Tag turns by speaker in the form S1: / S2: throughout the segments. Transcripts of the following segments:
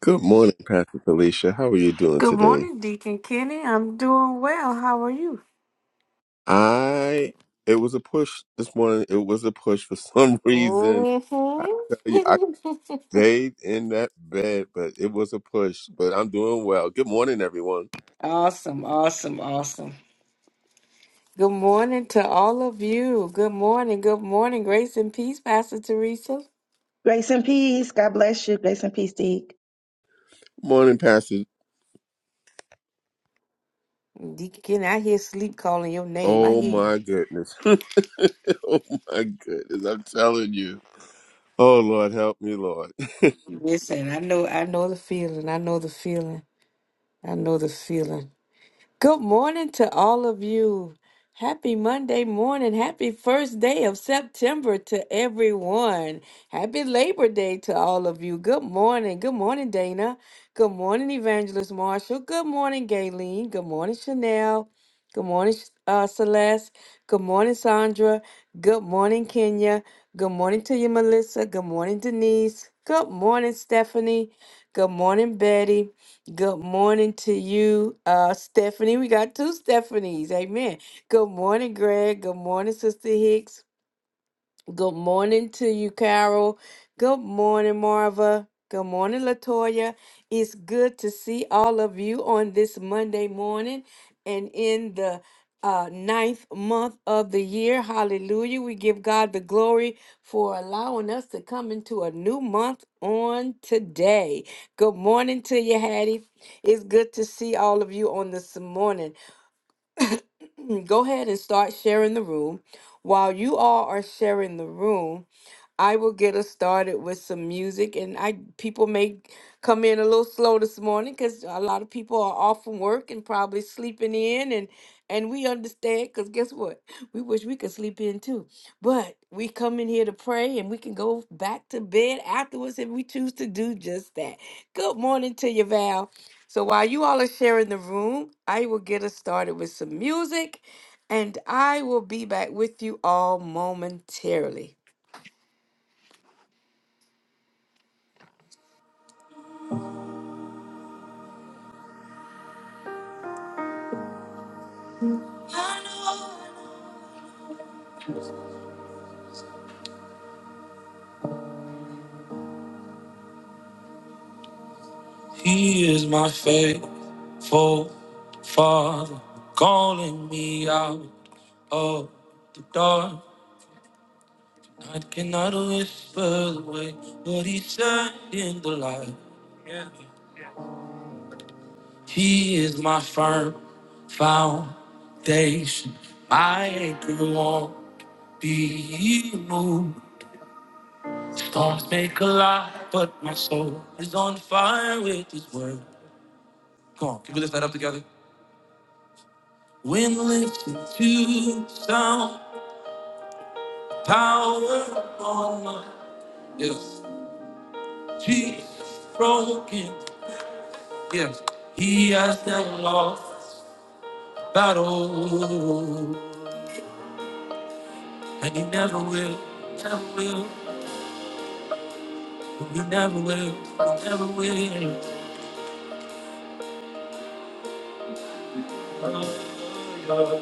S1: Good morning, Pastor Felicia. How are you doing
S2: Good
S1: today?
S2: morning, Deacon Kenny. I'm doing well. How are you?
S1: I it was a push this morning. It was a push for some reason.
S2: hmm
S1: I tell you, I stayed in that bed, but it was a push. But I'm doing well. Good morning, everyone.
S2: awesome, awesome, awesome. Good morning to all of you. Good morning, good morning. Grace and peace, Pastor Teresa.
S3: Grace and peace. God bless you. Grace and peace, Deke.
S1: Good morning, Pastor.
S2: Deacon Kenny, I hear sleep calling your name. I
S1: Oh
S2: hear you.
S1: my goodness. oh my goodness. I'm telling you. Oh Lord, help me, Lord.
S2: Listen, I know I know the feeling. I know the feeling. I know the feeling. Good morning to all of you. Happy Monday morning. Happy first day of September to everyone. Happy Labor Day to all of you. Good morning. Good morning, Dana. Good morning, Evangelist Marshall. Good morning, Gayleen. Good morning, Chanel. Good morning, uh, Celeste. Good morning, Sandra. Good morning, Kenya. Good morning to you, Melissa. Good morning, Denise. Good morning, Stephanie. Good morning, Betty. Good morning to you, uh, Stephanie. We got two Stephanies. Amen. Good morning, Greg. Good morning, Sister Hicks. Good morning to you, Carol. Good morning, Marva. Good morning, Latoya. It's good to see all of you on this Monday morning and in the uh, ninth month of the year. Hallelujah. We give God the glory for allowing us to come into a new month on today. Good morning to you, Hattie. It's good to see all of you on this morning. go ahead and start sharing the room. While you all are sharing the room, I will get us started with some music. And I people may come in a little slow this morning because a lot of people are off from work and probably sleeping in. And and we understand because guess what? We wish we could sleep in too. But we come in here to pray and we can go back to bed afterwards if we choose to do just that. Good morning to you, Val. So while you all are sharing the room, I will get us started with some music and I will be back with you all momentarily. He is my faithful father, calling me out of the dark. I cannot whisper away what he said in the light. He is my firm foundation. My anchor won't be moved. Storms may collide, but my soul is on fire with His word. Come on, can we lift that up together? When lifted to sound, power on my yes. Jesus broken, yes. He has never lost battle, and He never will, never will. We never will, we never will. Oh, Lord.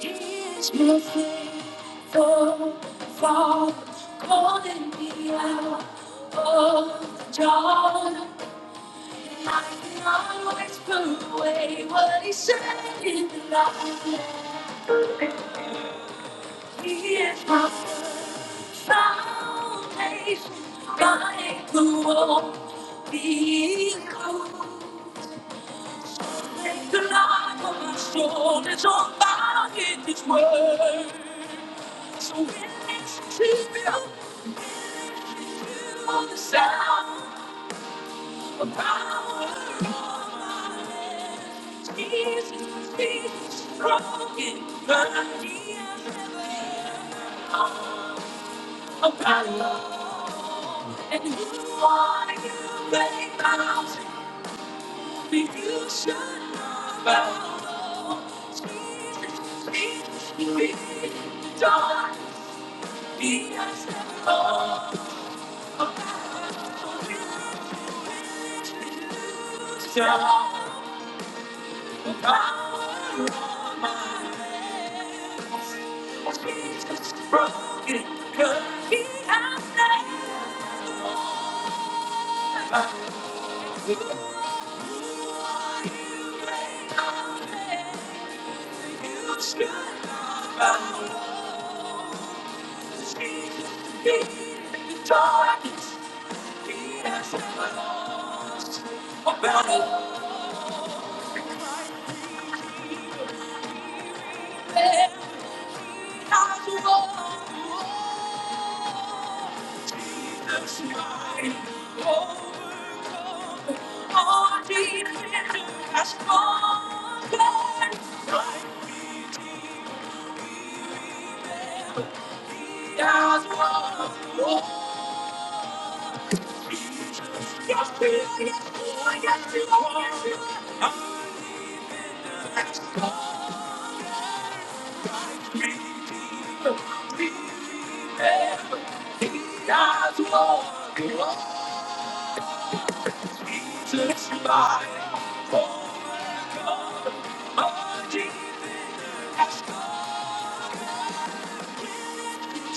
S2: It's my faithful Father calling me out of the dark. I can always put away what he said in the light. He is my foundation, my the wall, be cold. Take the light from my shoulders on fire in His word. So it's to you, you the sound of the power of my name. Jesus, Jesus, broken, but He has never a battle. And who are you, great mountain? Broken, cause he has About Yes,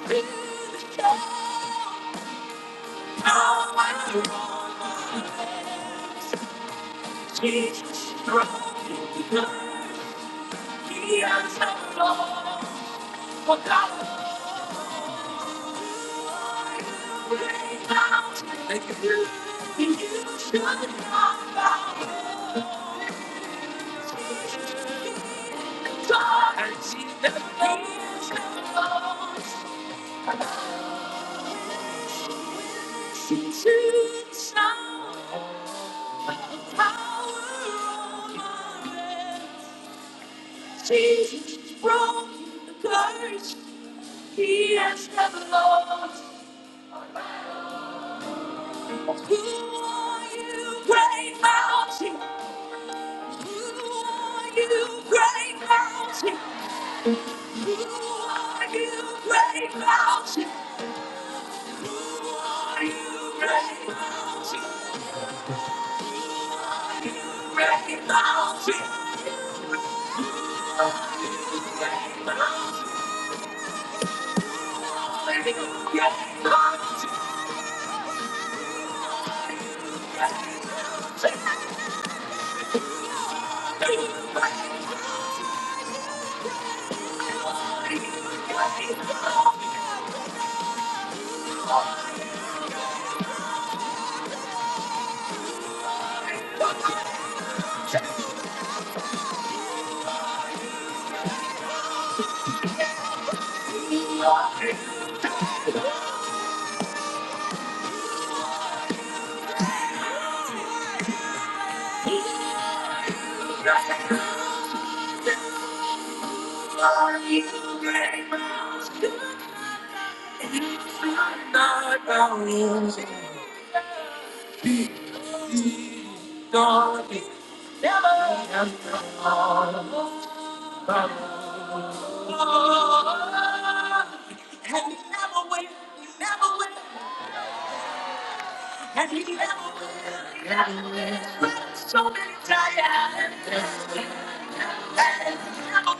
S2: Thank you. Jesus broke the curse he has never lost. Who are you, great mountain? Who are you, great mountain? Who are you, great mountain? Who are you, great mountain? You great mountain, great mountain, you great mountain, great mountain. So many times, and never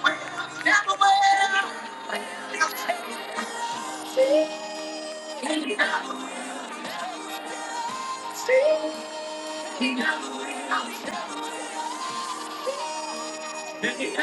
S2: will, never will. He never will, he never will, he never will. Listen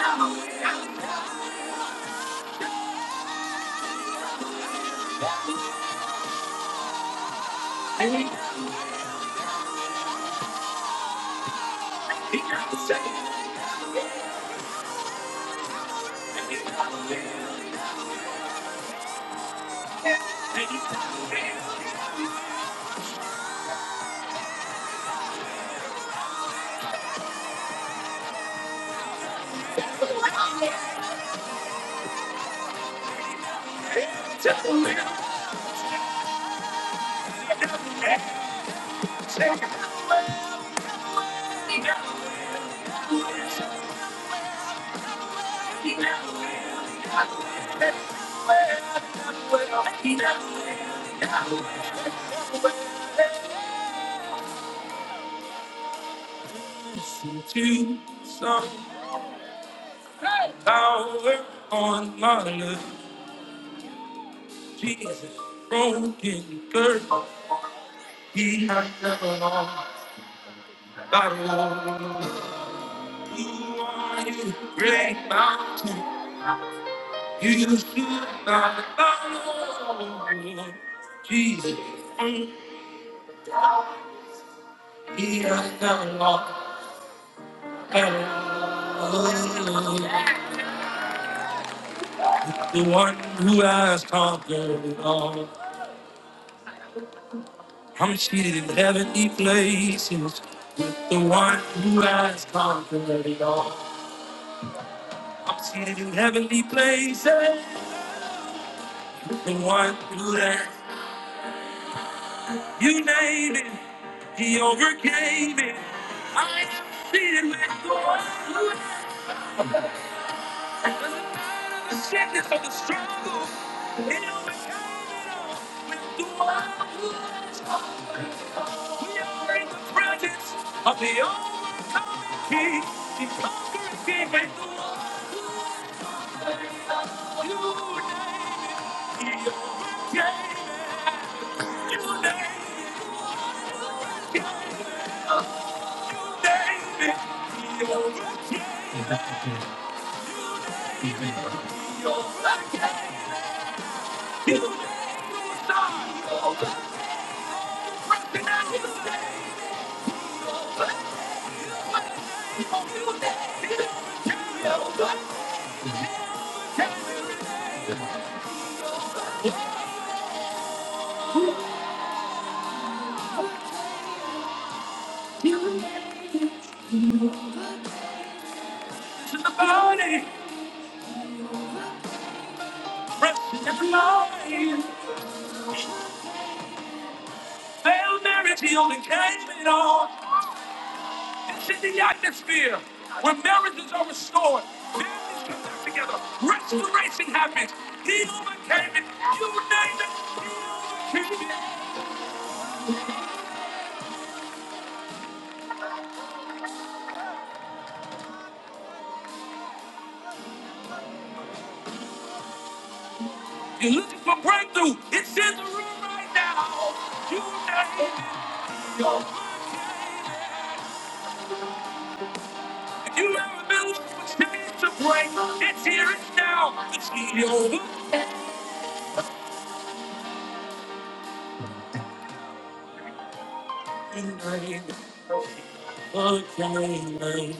S2: To some power on my love, Jesus, broken girl, he has never lost a battle. You are his great mountain, you should not alone. Jesus, on The one who has conquered all. I'm seated in heavenly places with the one who has conquered it all. I'm seated in heavenly places with the one who has. You name it, he overcame it. I am seated with the one. The sickness of the struggle. It overcame it all with the one who is all. We are in the presence of the overcoming king. The conquering king with the one you name it. He overcame it. You name it. You name it. he overcame it. You name it, I overcome it. You name it, you name it, he overcame it. To the Body. precious life. Hail Mary, she overcame it all. This is the atmosphere where marriages are restored, families come back together, restoration happens. He overcame it. You name it, he overcame it. You're looking for breakthrough. It's in the room right now. You name it, he overcame it. If you ever been looking for change to break, it's here, it's now. It's the overcame it. He Overcame it.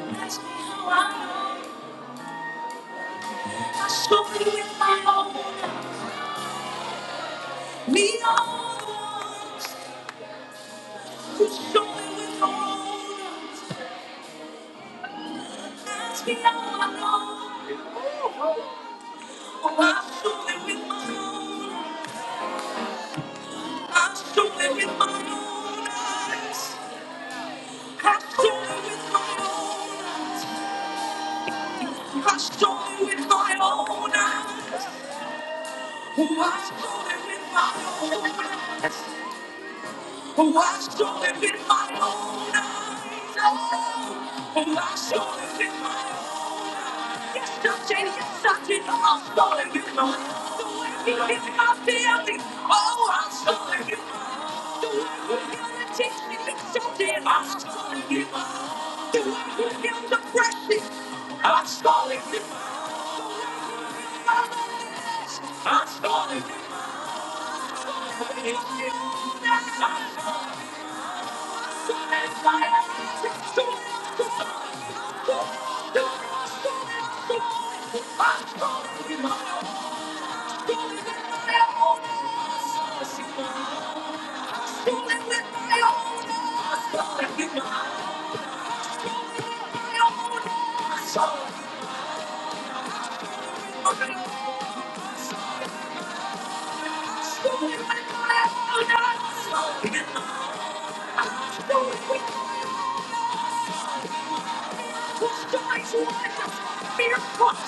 S2: Ask me how I know. I saw it with my own eyes. We are the ones who saw it with our own eyes. Ask me how I know. Oh, I saw it with my own eyes. I saw it with my own eyes. I saw it with my own eyes. I saw it with my own eyes. Oh, I saw it with my own eyes. who I saw him in my own eyes. Oh, who I saw him in my own eyes. Yes, I did. Yes, I did. Oh, I saw him in my the way he hit my family. Oh, I saw him in my the way he hit the me Yes, I did. I saw him in my the way he hit the precious. I saw him in my eyes. I saw him in my eyes. I saw it with my eyes.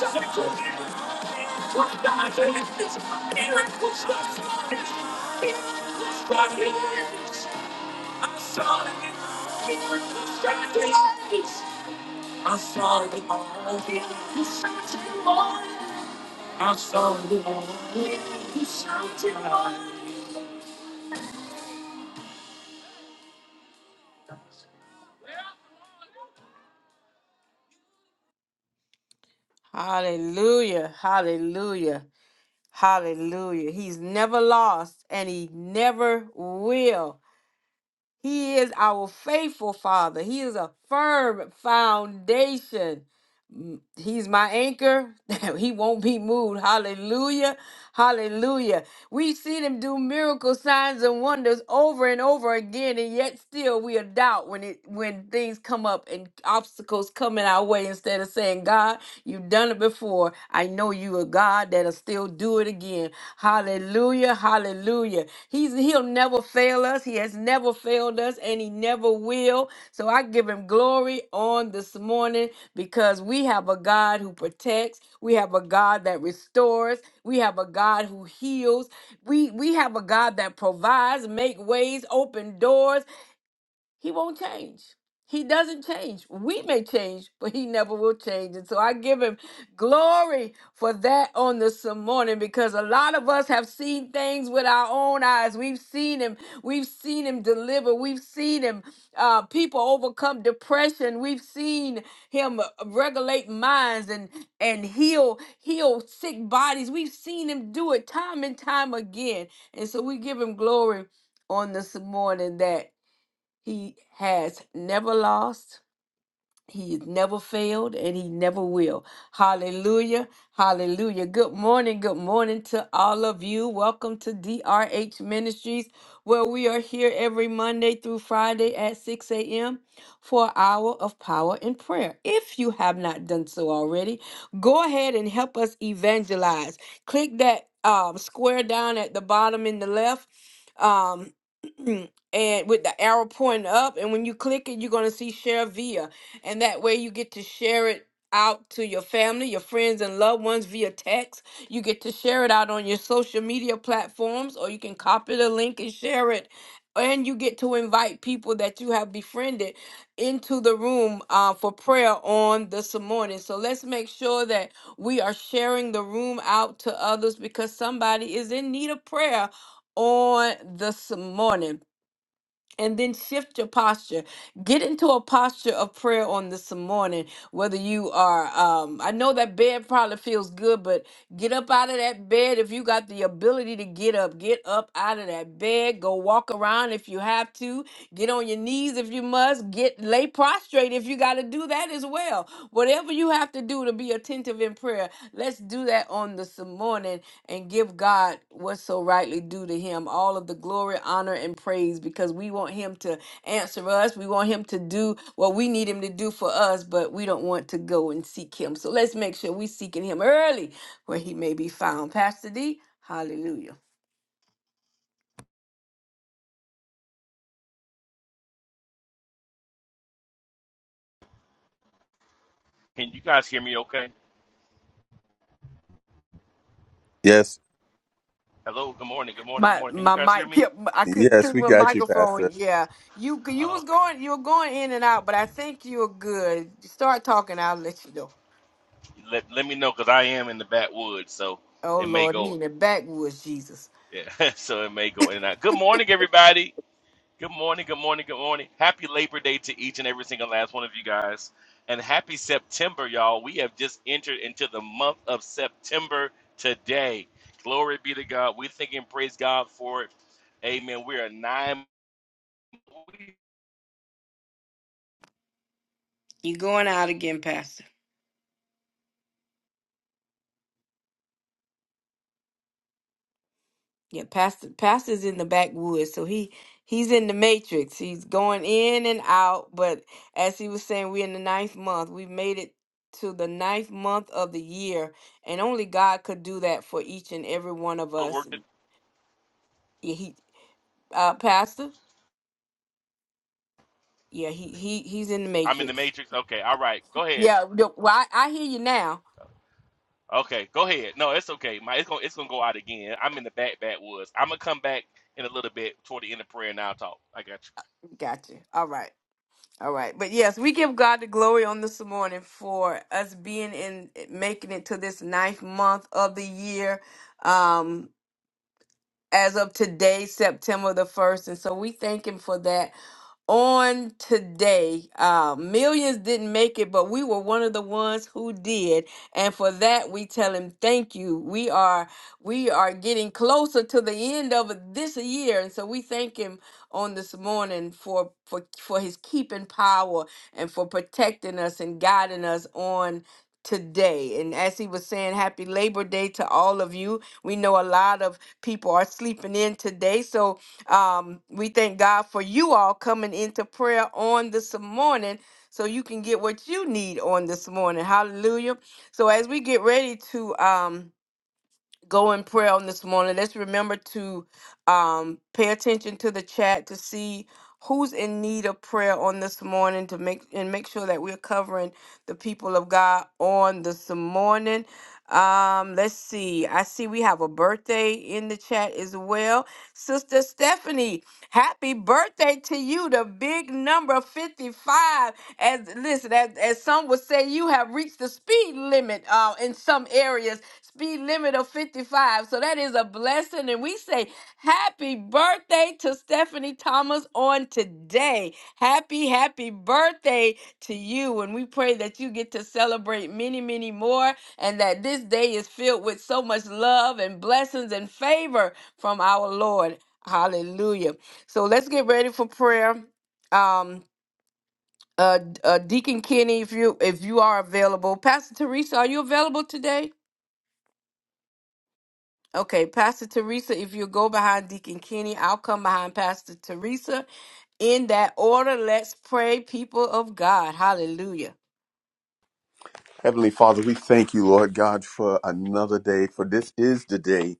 S2: Thank you. I saw the all. I saw the all. Hallelujah. Hallelujah. Hallelujah. He's never lost and he never will. He is our faithful Father. He is a firm foundation. He's my anchor. he won't be moved. Hallelujah. Hallelujah. We've seen him do miracle signs and wonders over and over again, and yet still we doubt when it when things come up and obstacles come in our way instead of saying, God, you've done it before. I know you are God that'll still do it again. Hallelujah. Hallelujah. He's he'll never fail us. He has never failed us and he never will. So I give him glory on this morning because we have a God who protects. We have a God that restores. We have a God who heals. We we have a God that provides, make ways, open doors. He won't change. He doesn't change. We may change, but he never will change. And so I give him glory for that on this morning because a lot of us have seen things with our own eyes. We've seen him. We've seen him deliver. We've seen him uh, people overcome depression. We've seen him uh, regulate minds and and heal heal sick bodies. We've seen him do it time and time again. And so we give him glory on this morning that. He has never lost. He's never failed and he never will. Hallelujah. Hallelujah. Good morning. Good morning to all of you. Welcome to DRH Ministries, where we are here every Monday through Friday at 6 a.m. for an hour of power and prayer. If you have not done so already, go ahead and help us evangelize. Click that um, square down at the bottom in the left. Um, and with the arrow pointing up, and when you click it, you're gonna see share via. And that way you get to share it out to your family, your friends, and loved ones via text. You get to share it out on your social media platforms, or you can copy the link and share it. And you get to invite people that you have befriended into the room uh, for prayer on this morning. So let's make sure that we are sharing the room out to others because somebody is in need of prayer on this morning and then shift your posture. Get into a posture of prayer on this morning. Whether you are, um, I know that bed probably feels good, but get up out of that bed if you got the ability to get up. Get up out of that bed. Go walk around if you have to. Get on your knees if you must. Get lay prostrate if you got to do that as well. Whatever you have to do to be attentive in prayer, let's do that on this morning and give God what's so rightly due to Him. All of the glory, honor, and praise because we want Him to answer us. We want Him to do what we need Him to do for us, but we don't want to go and seek Him. So let's make sure we're seeking Him early where He may be found. Pastor D, hallelujah.
S4: Can you guys hear me okay?
S1: yes,
S4: Hello, good morning, good morning, good
S2: My
S4: morning. Can you
S2: my
S4: guys hear
S2: mic
S4: me?
S2: kept I couldn't
S1: yes,
S2: see
S1: we
S2: my
S1: got you, Pastor.
S2: microphone. Yeah, you you was
S4: Okay.
S2: going you were going in and out, but I think you were good. Start talking, I'll let you know.
S4: Let, let me know because I am in the backwoods, so
S2: Oh
S4: it may
S2: Lord, he
S4: go,
S2: in the backwoods, Jesus.
S4: yeah, so it may go in and out. Good morning, everybody. Good morning, good morning, good morning. Happy Labor Day to each and every single last one of you guys. And happy September, y'all. We have just entered into the month of September today. Glory be to God. We thank and praise God for it. Amen. We are nine. We
S2: You going out again, Pastor? Yeah, Pastor Pastor's in the backwoods, so he he's in the matrix. He's going in and out, but as he was saying, we're in the ninth month. We've made it to the ninth month of the year, and only God could do that for each and every one of
S4: go to
S2: us.
S4: work.
S2: And Yeah, he uh Pastor, yeah, he he he's in the
S4: I'm in the
S2: matrix.
S4: matrix. Okay. All right. Go ahead.
S2: Yeah, no, well, I, I hear you now.
S4: Okay, go ahead. No, it's okay. My it's gonna it's gonna go out again. I'm in the back backwoods. I'm gonna come back in a little bit toward the end of prayer and I'll talk. I got you.
S2: Gotcha. All right. All right. But yes, we give God the glory on this morning for us being in making it to this ninth month of the year. Um, as of today, September the first. And so we thank him for that on today. Uh, millions didn't make it, but we were one of the ones who did, and for that we tell him thank you. We are we are getting closer to the end of this year, and so we thank him on this morning for for for his keeping power and for protecting us and guiding us on today and as he was saying happy labor day to all of you we know a lot of people are sleeping in today so um, we thank God for you all coming into prayer on this morning so you can get what you need on this morning. Hallelujah. So as we get ready to. Um, go in prayer on this morning. Let's remember to um, pay attention to the chat to see who's in need of prayer on this morning to make and make sure that we're covering the people of God on this morning. Um, let's see. I see we have a birthday in the chat as well. Sister Stephanie, happy birthday to you, the big number 55. As listen, as, as some would say, you have reached the speed limit uh, in some areas speed limit of 55. So that is a blessing. And we say happy birthday to Stephanie Thomas on today. Happy, happy birthday to you. And we pray that you get to celebrate many, many more and that this day is filled with so much love and blessings and favor from our Lord. Hallelujah. So let's get ready for prayer. Um, uh, uh, Deacon Kenny, if you if you are available, Pastor Teresa, are you available today? Okay, Pastor Teresa, if you go behind Deacon Kenny, I'll come behind Pastor Teresa. In that order, let's pray, people of God. Hallelujah.
S1: Heavenly Father, we thank you, Lord God, for another day, for this is the day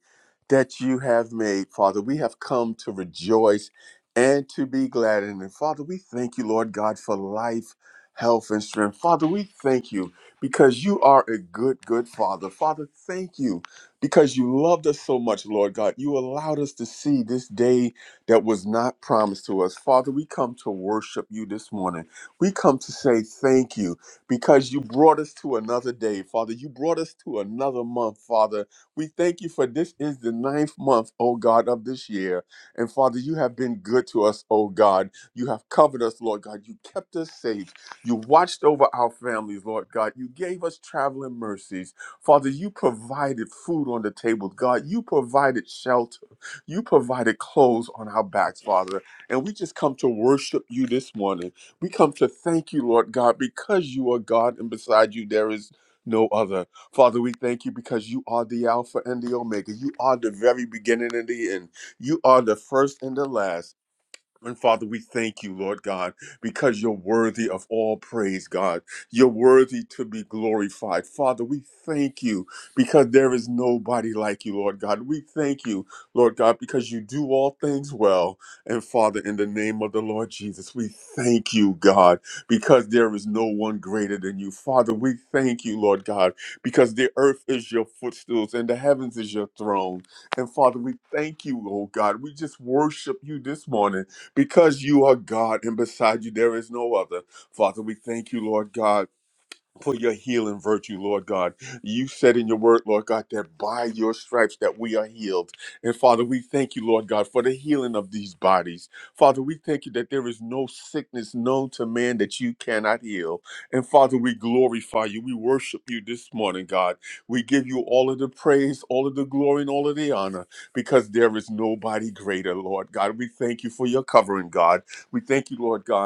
S1: that you have made, Father. We have come to rejoice and to be glad in it. Father, we thank you, Lord God, for life, health, and strength. Father, we thank you because you are a good, good Father. Father, thank you because you loved us so much, Lord God. You allowed us to see this day that was not promised to us. Father, we come to worship you this morning. We come to say thank you because you brought us to another day, Father. You brought us to another month, Father. We thank you for this is the ninth month, oh God, of this year. And Father, you have been good to us, oh God. You have covered us, Lord God. You kept us safe. You watched over our families, Lord God. You gave us traveling mercies. Father, you provided food on the table, God. You provided shelter. You provided clothes on our backs, Father. And we just come to worship you this morning. We come to thank you, Lord God, because you are God and beside you there is no other. Father, we thank you because you are the Alpha and the Omega. You are the very beginning and the end. You are the first and the last. And Father, we thank you, Lord God, because you're worthy of all praise, God. You're worthy to be glorified. Father, we thank you because there is nobody like you, Lord God. We thank you, Lord God, because you do all things well. And Father, in the name of the Lord Jesus, we thank you, God, because there is no one greater than you. Father, we thank you, Lord God, because the earth is your footstools and the heavens is your throne. And Father, we thank you, oh God. We just worship you this morning because you are God and beside you there is no other. Father, we thank you, Lord God for your healing virtue, Lord God. You said in your word, Lord God, that by your stripes that we are healed. And Father, we thank you, Lord God, for the healing of these bodies. Father, we thank you that there is no sickness known to man that you cannot heal. And Father, we glorify you. We worship you this morning, God. We give you all of the praise, all of the glory, and all of the honor because there is nobody greater, Lord God. We thank you for your covering, God. We thank you, Lord God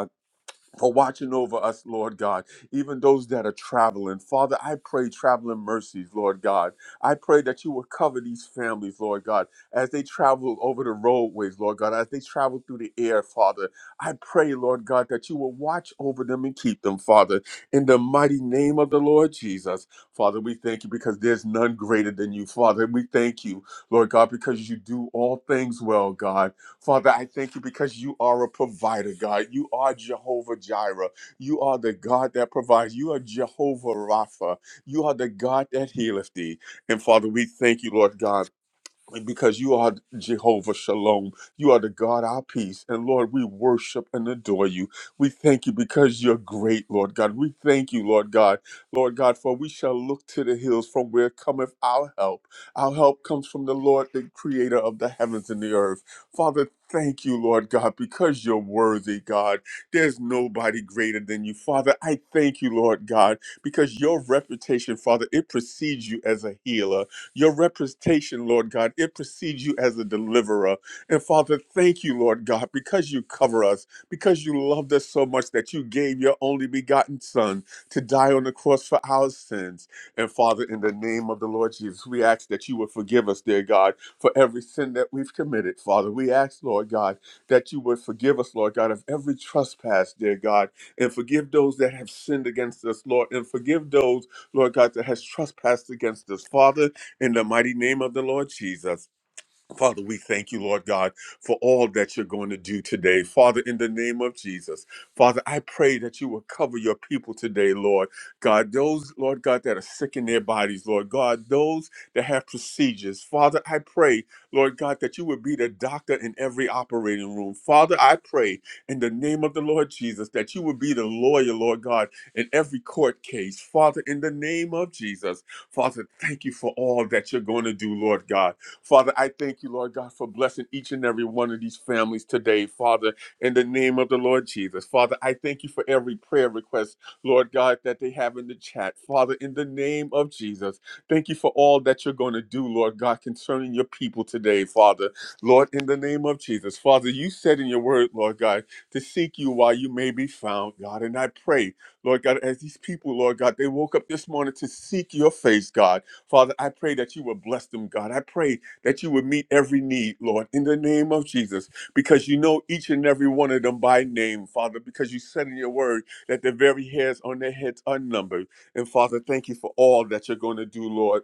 S1: for watching over us, Lord God, even those that are traveling. Father, I pray traveling mercies, Lord God. I pray that you will cover these families, Lord God, as they travel over the roadways, Lord God, as they travel through the air, Father. I pray, Lord God, that you will watch over them and keep them, Father, in the mighty name of the Lord Jesus. Father, we thank you because there's none greater than you, Father. We thank you, Lord God, because you do all things well, God. Father, I thank you because you are a provider, God. You are Jehovah Jireh. You are the God that provides. You are Jehovah Rapha. You are the God that healeth thee. And Father, we thank you, Lord God. Like, because you are Jehovah Shalom. You are the God, our peace. And Lord, we worship and adore you. We thank you because you're great, Lord God. We thank you, Lord God. Lord God, for we shall look to the hills from where cometh our help. Our help comes from the Lord, the creator of the heavens and the earth. Father, thank you, Lord God, because you're worthy, God. There's nobody greater than you. Father, I thank you, Lord God, because your reputation, Father, it precedes you as a healer. Your representation, Lord God, it precedes you as a deliverer. And Father, thank you, Lord God, because you cover us, because you loved us so much that you gave your only begotten Son to die on the cross for our sins. And Father, in the name of the Lord Jesus, we ask that you would forgive us, dear God, for every sin that we've committed, Father. We ask, Lord God, that you would forgive us, Lord God, of every trespass, dear God, and forgive those that have sinned against us, Lord, and forgive those, Lord God, that has trespassed against us, Father in the mighty name of the Lord Jesus. Father, we thank you, Lord God, for all that you're going to do today. Father, in the name of Jesus, Father, I pray that you will cover your people today, Lord God. Those, Lord God, that are sick in their bodies, Lord God, those that have procedures. Father, I pray, Lord God, that you would be the doctor in every operating room. Father, I pray in the name of the Lord Jesus that you would be the lawyer, Lord God, in every court case. Father, in the name of Jesus, Father, thank you for all that you're going to do, Lord God. Father, I thank you, Lord God, for blessing each and every one of these families today, Father, in the name of the Lord Jesus. Father, I thank you for every prayer request, Lord God, that they have in the chat. Father, in the name of Jesus, thank you for all that you're going to do, Lord God, concerning your people today, Father. Lord, in the name of Jesus, Father, you said in your word, Lord God, to seek you while you may be found, God. And I pray, Lord God, as these people, Lord God, they woke up this morning to seek your face, God. Father, I pray that you will bless them, God. I pray that you would meet every need, Lord, in the name of Jesus, because you know each and every one of them by name, Father, because you said in your word that the very hairs on their heads are numbered. And Father, thank you for all that you're going to do, Lord.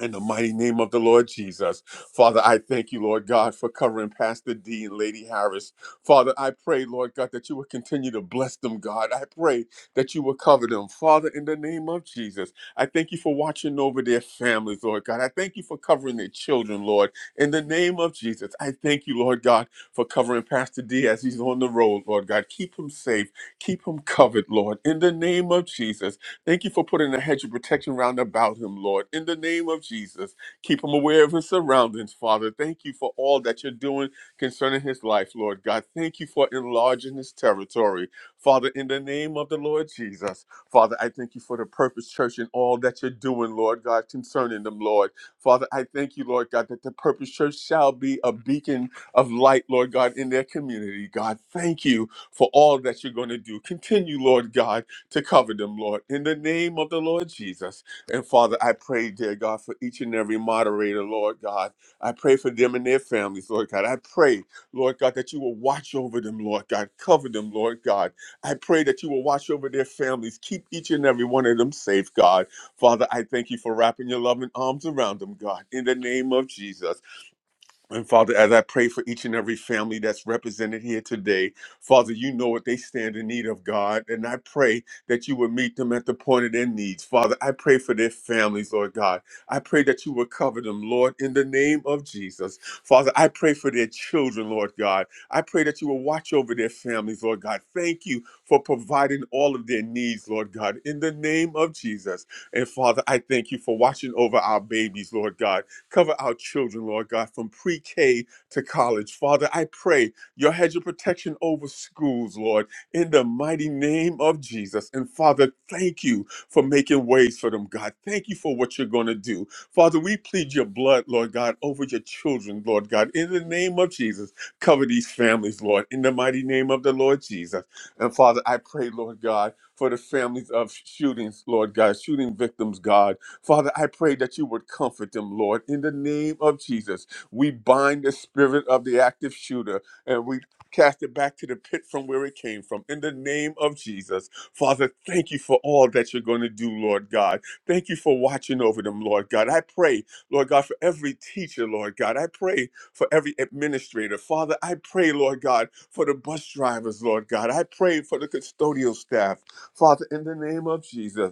S1: In the mighty name of the Lord Jesus. Father, I thank you, Lord God, for covering Pastor D and Lady Harris. Father, I pray, Lord God, that you will continue to bless them, God. I pray that you will cover them. Father, in the name of Jesus, I thank you for watching over their families, Lord God. I thank you for covering their children, Lord. In the name of Jesus, I thank you, Lord God, for covering Pastor D as he's on the road, Lord God. Keep him safe. Keep him covered, Lord. In the name of Jesus. Thank you for putting a hedge of protection round about him, Lord. In the name of Jesus, keep him aware of his surroundings, Father. Thank you for all that you're doing concerning his life, Lord God. Thank you for enlarging his territory, Father. In the name of the Lord Jesus, Father, I thank you for the Purpose Church and all that you're doing, Lord God, concerning them, Lord. Father, I thank you, Lord God, that the Purpose Church shall be a beacon of light, Lord God, in their community. God, thank you for all that you're going to do. Continue, Lord God to cover them, Lord, in the name of the Lord Jesus. And Father, I pray, dear God, for each and every moderator, Lord God. I pray for them and their families, Lord God. I pray, Lord God, that you will watch over them, Lord God. Cover them, Lord God. I pray that you will watch over their families. Keep each and every one of them safe, God. Father, I thank you for wrapping your loving arms around them, God, in the name of Jesus. And Father, as I pray for each and every family that's represented here today, Father, you know what they stand in need of, God. And I pray that you would meet them at the point of their needs. Father, I pray for their families, Lord God. I pray that you would cover them, Lord, in the name of Jesus. Father, I pray for their children, Lord God. I pray that you will watch over their families, Lord God. Thank you for providing all of their needs, Lord God, in the name of Jesus. And Father, I thank you for watching over our babies, Lord God. Cover our children, Lord God, from pre K to college. Father, I pray your hedge of protection over schools, Lord, in the mighty name of Jesus. And Father, thank you for making ways for them, God. Thank you for what you're going to do. Father, we plead your blood, Lord God, over your children, Lord God. In the name of Jesus, cover these families, Lord, in the mighty name of the Lord Jesus. And Father, I pray, Lord God, for the families of shootings, Lord God, shooting victims, God. Father, I pray that you would comfort them, Lord, in the name of Jesus. We bind the spirit of the active shooter and we cast it back to the pit from where it came from in the name of Jesus. Father, thank you for all that you're going to do, Lord God. Thank you for watching over them, Lord God. I pray, Lord God, for every teacher, Lord God. I pray for every administrator. Father, I pray, Lord God, for the bus drivers, Lord God. I pray for the custodial staff. Father, in the name of Jesus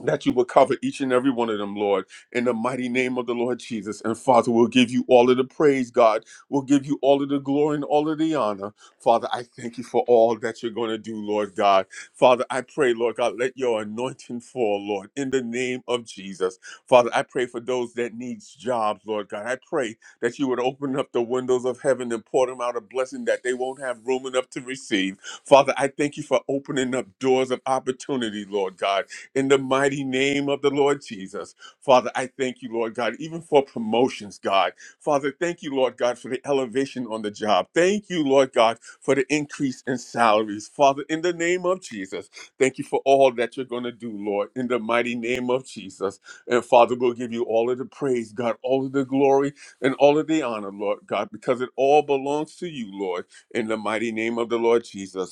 S1: that you will cover each and every one of them, Lord, in the mighty name of the Lord Jesus. And Father, we'll give you all of the praise, God. We'll give you all of the glory and all of the honor. Father, I thank you for all that you're going to do, Lord God. Father, I pray, Lord God, let your anointing fall, Lord, in the name of Jesus. Father, I pray for those that needs jobs, Lord God. I pray that you would open up the windows of heaven and pour them out a blessing that they won't have room enough to receive. Father, I thank you for opening up doors of opportunity, Lord God in the mighty name of the Lord Jesus. Father, I thank you, Lord God, even for promotions, God. Father, thank you, Lord God, for the elevation on the job. Thank you, Lord God, for the increase in salaries. Father, in the name of Jesus, thank you for all that you're going to do, Lord, in the mighty name of Jesus. And Father, we'll give you all of the praise, God, all of the glory, and all of the honor, Lord God, because it all belongs to you, Lord, in the mighty name of the Lord Jesus.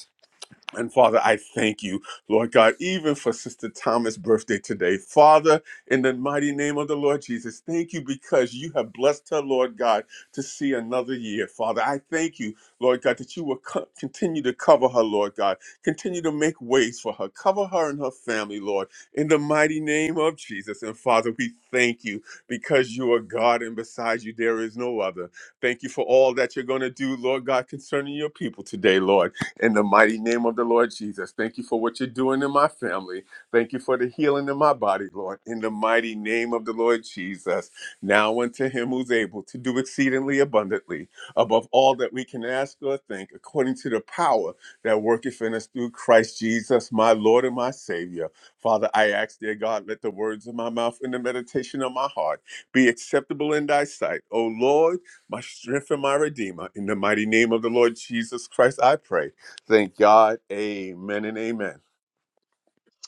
S1: And Father, I thank you, Lord God, even for Sister Thomas' birthday today. Father, in the mighty name of the Lord Jesus, thank you because you have blessed her, Lord God, to see another year. Father, I thank you, Lord God, that you will co- continue to cover her, Lord God. Continue to make ways for her. Cover her and her family, Lord, in the mighty name of Jesus. And Father, we thank you because you are God and besides you there is no other. Thank you for all that you're going to do, Lord God, concerning your people today, Lord in the mighty name of the Lord Jesus. Thank you for what you're doing in my family. Thank you for the healing in my body, Lord, in the mighty name of the Lord Jesus. Now unto him who's able to do exceedingly abundantly above all that we can ask or think, according to the power that worketh in us through Christ Jesus, my Lord and my Savior. Father, I ask, dear God, let the words of my mouth and the meditation of my heart be acceptable in thy sight. O Lord, my strength and my redeemer, in the mighty name of the Lord Jesus Christ, I pray. Thank God. Amen and amen.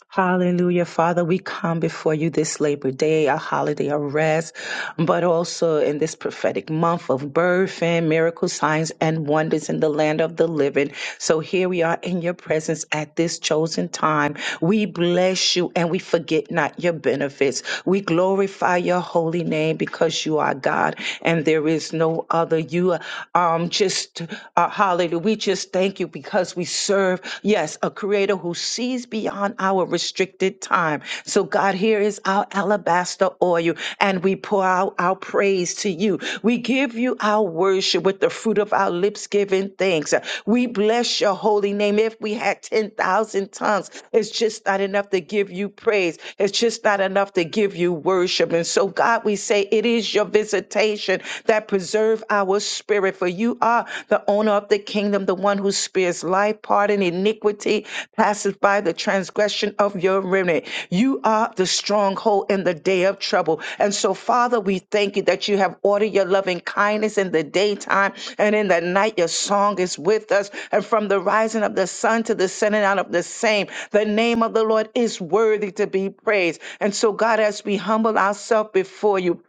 S3: Hallelujah, Father. We come before you this Labor Day, a holiday of rest, but also in this prophetic month of birth and miracle signs and wonders in the land of the living. So here we are in your presence at this chosen time. We bless you and we forget not your benefits. We glorify your holy name because you are God and there is no other. You are um, just, uh, hallelujah. We just thank you because because we serve, yes, a creator who sees beyond our restricted time. So, God, here is our alabaster oil, and we pour out our praise to you. We give you our worship with the fruit of our lips, giving thanks. We bless your holy name. If we had 10,000 tongues, it's just not enough to give you praise. It's just not enough to give you worship. And so, God, we say it is your visitation that preserve our spirit Spirit, for you are the owner of the kingdom, the one who spares life, pardon, iniquity, passes by the transgression of your remnant. You are the stronghold in the day of trouble. And so, Father, we thank you that you have ordered your loving kindness in the daytime and in the night. Your song is with us. And from the rising of the sun to the setting out of the same, the name of the Lord is worthy to be praised. And so, God, as we humble ourselves before you,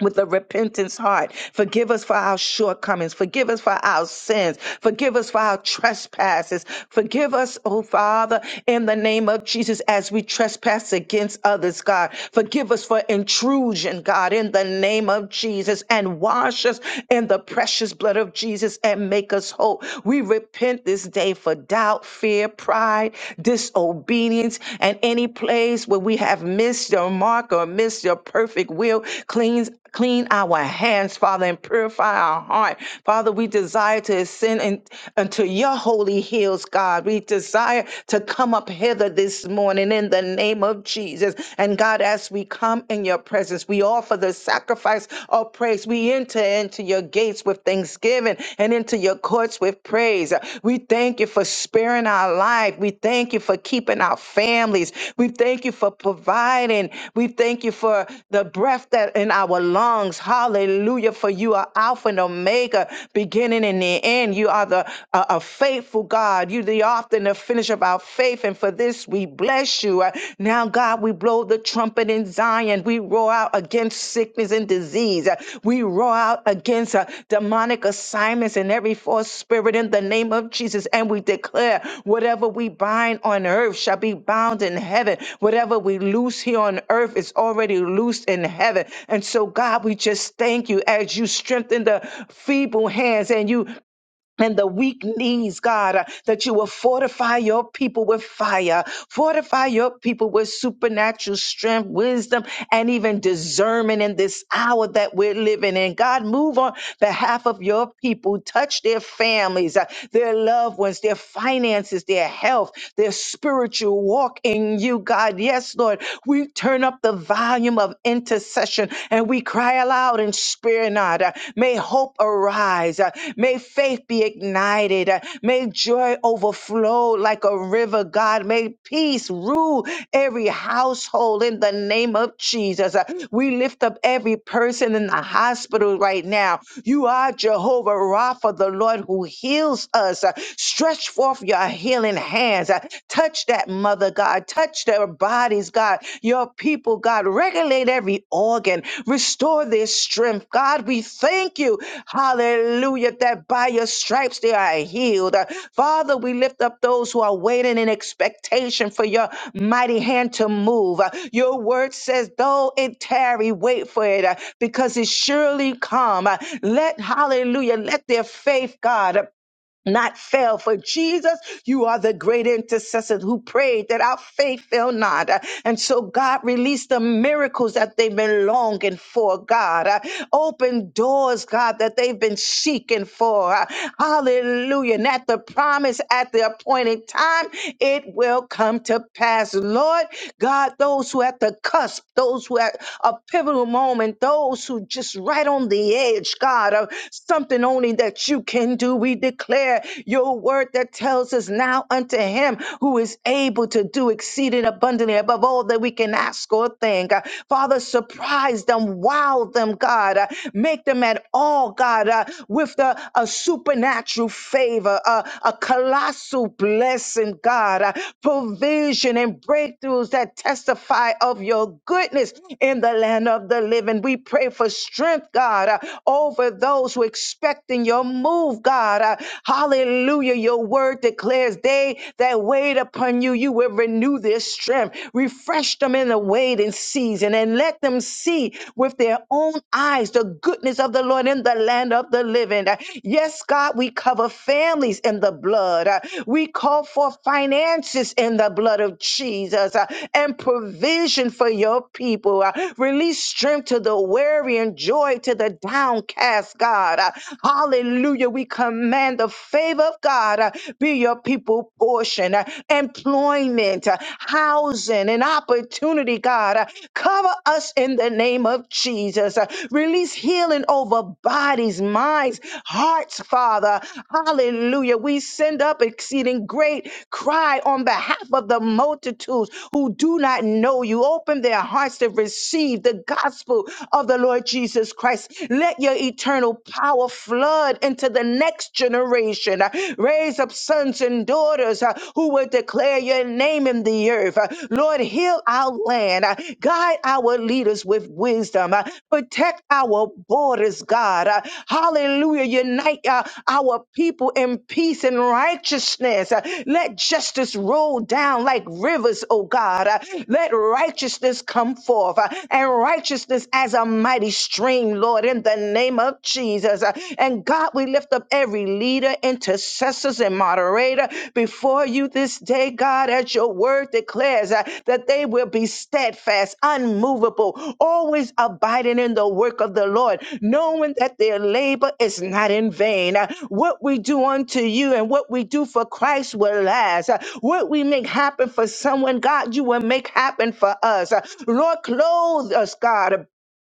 S3: with a repentance heart. Forgive us for our shortcomings. Forgive us for our sins. Forgive us for our trespasses. Forgive us, oh Father, in the name of Jesus, as we trespass against others, God. Forgive us for intrusion, God, in the name of Jesus, and wash us in the precious blood of Jesus and make us whole. We repent this day for doubt, fear, pride, disobedience, and any place where we have missed your mark or missed your perfect will. Cleanse, clean our hands, Father, and purify our heart. Father, we desire to ascend in, unto your holy hills, God. We desire to come up hither this morning in the name of Jesus. And God, as we come in your presence, we offer the sacrifice of praise. We enter into your into your gates with thanksgiving and into your courts with praise. We thank you for sparing our life. We thank you for keeping our families. We thank you for providing. We thank you for the breath that in our lungs. Hallelujah. For you are Alpha and Omega, beginning and the end. You are the uh, a faithful God. You the author and the finish of our faith. And for this we bless you. Now, God, we blow the trumpet in Zion. We roar out against sickness and disease. Uh, We roar out against uh, demonic assignments and every false spirit in the name of Jesus. And we declare whatever we bind on earth shall be bound in heaven. Whatever we loose here on earth is already loosed in heaven. And so, God, we just thank you as you strengthen the feeble hands and you and the weak knees, God, uh, that you will fortify your people with fire, fortify your people with supernatural strength, wisdom, and even discernment in this hour that we're living in. God, move on behalf of your people, touch their families, uh, their loved ones, their finances, their health, their spiritual walk in you, God. Yes, Lord, we turn up the volume of intercession and we we cry aloud and spare not. Uh, May hope arise. Uh, May faith be ignited. Uh, May joy overflow like a river, God. May peace rule every household in the name of Jesus. Uh, We lift up every person in the hospital right now. You are Jehovah Rapha, the Lord who heals us. Uh, Stretch forth your healing hands. Uh, Touch that mother, God. God. Touch their bodies, God. Your people, God. Regulate every organ. Restore their strength, God. We thank you, hallelujah, that by your stripes they are healed. Uh, Father, we lift up those who are waiting in expectation for your mighty hand to move. Uh, Your word says, though it tarry, wait for it uh, because it surely come. Uh, Let, hallelujah, let their faith, God, uh, not fail. For Jesus, you are the great intercessor who prayed that our faith fail not. Uh, And so God released the miracles that they've been longing for, God. Uh, Open doors, God, that they've been seeking for. Uh, Hallelujah. And at the promise, at the appointed time, it will come to pass. Lord God, those who at the cusp, those who at a pivotal moment, those who just right on the edge, God, of something only that you can then do we declare your word that tells us now unto him who is able to do exceeding abundantly above all that we can ask or think. Uh, Father, surprise them, wow them, God. Uh, Make them at all, God, uh, with the, a supernatural favor, uh, a colossal blessing, God, uh, provision and breakthroughs that testify of your goodness in the land of the living. We pray for strength, God, uh, over those who expect perfecting your move, God. Uh, hallelujah. Your word declares they that wait upon you, you will renew their strength. Refresh them in the waiting season and let them see with their own eyes the goodness of the Lord in the land of the living. Uh, Yes, God, we cover families in the blood. Uh, We call for finances in the blood of Jesus uh, and provision for your people. Uh, Release strength to the weary and joy to the downcast, us, God. Uh, Hallelujah. We command the favor of God uh, be your people portion, uh, employment, uh, housing, and opportunity, God. Uh, Cover us in the name of Jesus. Uh, Release healing over bodies, minds, hearts, Father. Hallelujah. We send up exceeding great cry on behalf of the multitudes who do not know you. Open their hearts to receive the gospel of the Lord Jesus Christ. Let your eternal power flood into the next generation. Uh, Raise up sons and daughters uh, who will declare your name in the earth. Uh, Lord, heal our land. Uh, Guide our leaders with wisdom. Uh, Protect our borders, God. Uh, Hallelujah. Unite uh, our people in peace and righteousness. Uh, Let justice roll down like rivers, oh God. Uh, Let righteousness come forth uh, and righteousness as a mighty stream, Lord, in the name of Jesus. Uh, And God, we lift up every leader, intercessors, and moderator before you this day, God, as your word declares uh, that they will be steadfast, unmovable, always abiding in the work of the Lord, knowing that their labor is not in vain. Uh, What we do unto you and what we do for Christ will last. Uh, What we make happen for someone, God, you will make happen for us. Uh, Lord, clothe us, God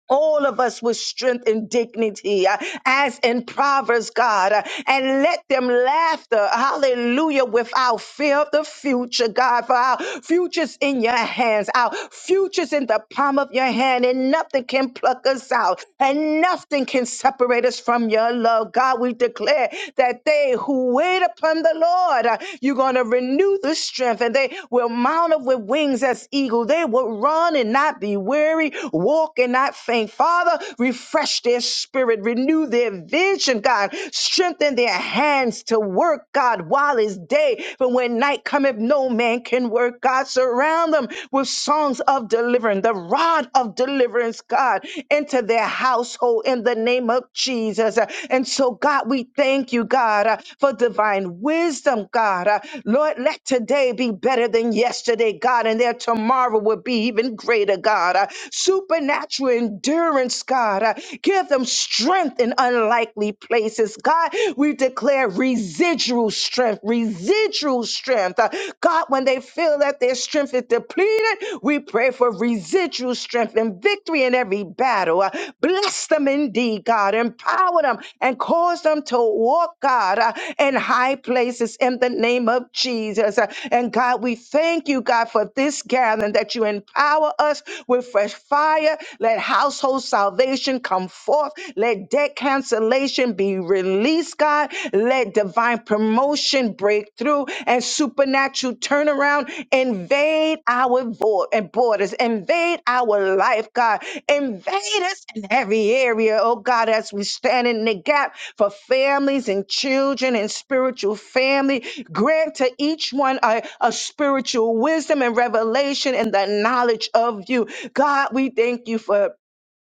S3: all of us with strength and dignity, uh, as in Proverbs, God, uh, and let them laughter, hallelujah, without fear of the future, God, for our future's in your hands, our future's in the palm of your hand, and nothing can pluck us out, and nothing can separate us from your love. God, we declare that they who wait upon the Lord, uh, you're going to renew the strength, and they will mount up with wings as eagle. They will run and not be weary, walk and not faint. Father, refresh their spirit, renew their vision, God. Strengthen their hands to work, God, while it's day. But when night cometh, no man can work, God. Surround them with songs of deliverance, the rod of deliverance, God, into their household in the name of Jesus. Uh, And so, God, we thank you, God, uh, for divine wisdom, God. Uh, Lord, let today be better than yesterday, God, and their tomorrow will be even greater, God. Uh, Supernatural endurance, God. Uh, Give them strength in unlikely places. God, we declare residual strength, residual strength. Uh, God, when they feel that their strength is depleted, we pray for residual strength and victory in every battle. Uh, Bless them indeed, God. Empower them and cause them to walk, God, uh, in high places in the name of Jesus. Uh, And God, we thank you, God, for this gathering that you empower us with fresh fire. Let household salvation come forth. Let debt cancellation be released, God. Let divine promotion break through and supernatural turnaround invade our vo- and borders, invade our life, God. Invade us in every area, oh God, as we stand in the gap for families and children and spiritual family. Grant to each one a, a spiritual wisdom and revelation and the knowledge of you. God, we thank you for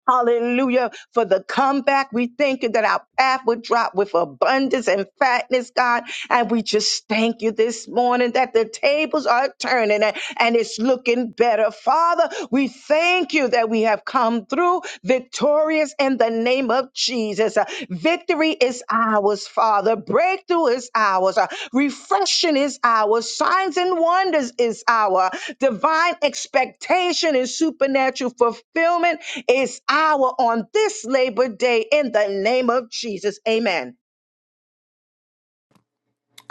S3: Hallelujah. For the comeback, we thank you that our path would drop with abundance and fatness, God. And we just thank you this morning that the tables are turning and, and it's looking better. Father, we thank you that we have come through victorious in the name of Jesus. Uh, Victory is ours, Father. Breakthrough is ours. Uh, Refreshing is ours. Signs and wonders is our divine expectation and supernatural fulfillment is our on this Labor Day in the name of Jesus. Amen.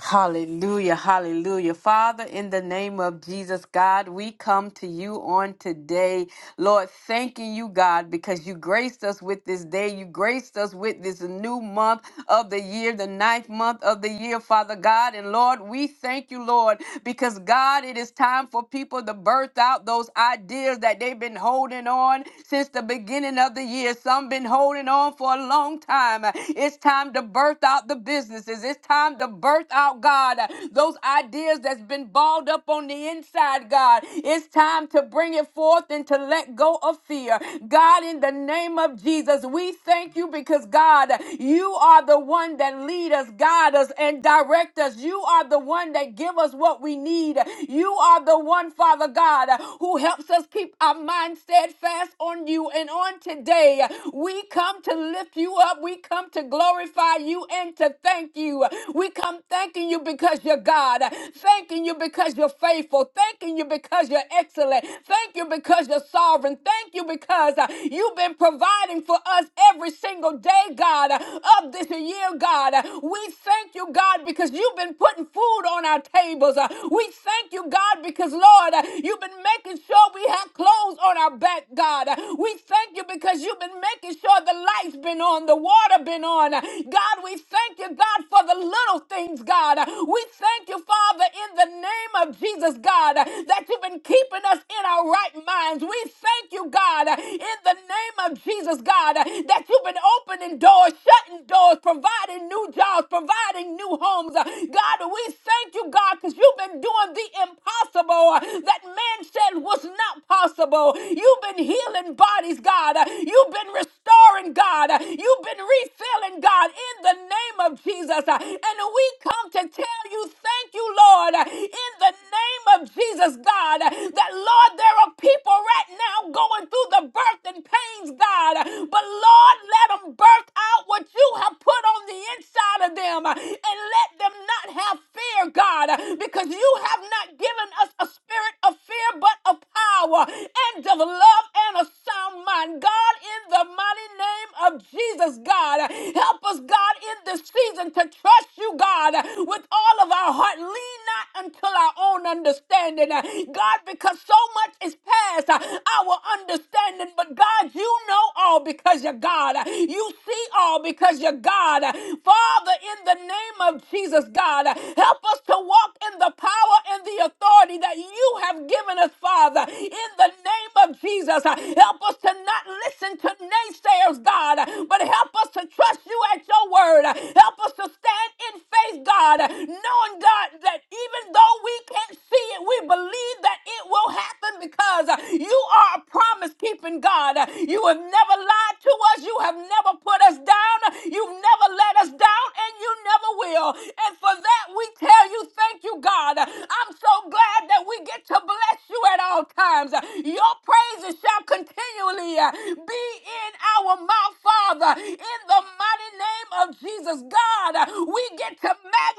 S2: Hallelujah, hallelujah. Father, in the name of Jesus, God, we come to you on today. Lord, thanking you, God, because you graced us with this day. You graced us with this new month of the year, the ninth month of the year, Father God. And Lord, we thank you, Lord, because God, it is time for people to birth out those ideas that they've been holding on since the beginning of the year. Some been holding on for a long time. It's time to birth out the businesses. It's time to birth out, God, uh, those ideas that's been balled up on the inside, God. It's time to bring it forth and to let go of fear. God, in the name of Jesus, we thank you because, God, you are the one that lead us, guide us, and direct us. You are the one that give us what we need. You are the one, Father God, who helps us keep our mind steadfast on you. And on today, we come to lift you up. We come to glorify you and to thank you. We come thanking you because you're God, thanking you because you're faithful, thanking you because you're excellent, thank you because you're sovereign, thank you because uh, you've been providing for us every single day, God, uh, of this year, God. Uh, We thank you, God, because you've been putting food on our tables. Uh, We thank you, God, because, Lord, uh, you've been making sure we have clothes on our back, God. Uh, We thank you because you've been making sure the lights been on, the water been on. Uh, God, we thank you, God, for the little things, God. We thank you, Father, in the name of Jesus, God, that you've been keeping us in our right minds. We thank you, God, in the name of Jesus, God, that you've been opening doors, shutting doors, providing new jobs, providing new homes. God, we thank you, God, because you've been doing the impossible that man said was not possible. You've been healing bodies, God. You've been restoring, God. You've been refilling, God, in the name of of Jesus. Uh, And we come to tell you, thank you, Lord, uh, in the name of Jesus, God, uh, that, Lord, there are people right now going through the birth and pains, God. uh, But, Lord, let them birth out what you have put on the inside of them uh, and let them not have fear, God, uh, because you have not given us a spirit of fear, but of power and of love and a sound mind. God, in the mighty name of Jesus, God, uh, help us, God, in this season to trust you, God, with all of our heart. Lean not until our own understanding, uh, God, because so much is past uh, our understanding. But God, you know all because you're God. You see all because you're God. Father, in the name of Jesus, God, help us to walk in the power and the authority that you have given us, Father. In the name of Jesus, help us to not listen to naysayers, God, but help us to trust you at your your word. Help us to stand in faith, God, knowing, God, that even though we can't see it, we believe that it will happen because you are a promise keeping God. You have never lied to us, you have never put us down, you've never let us down, and you never will. And for that, we tell you, thank you, God. I'm so glad that we get to bless you at all times. Your praises shall continually be in our mouth, Father, in the mighty mighty name of Jesus, God, uh, we get to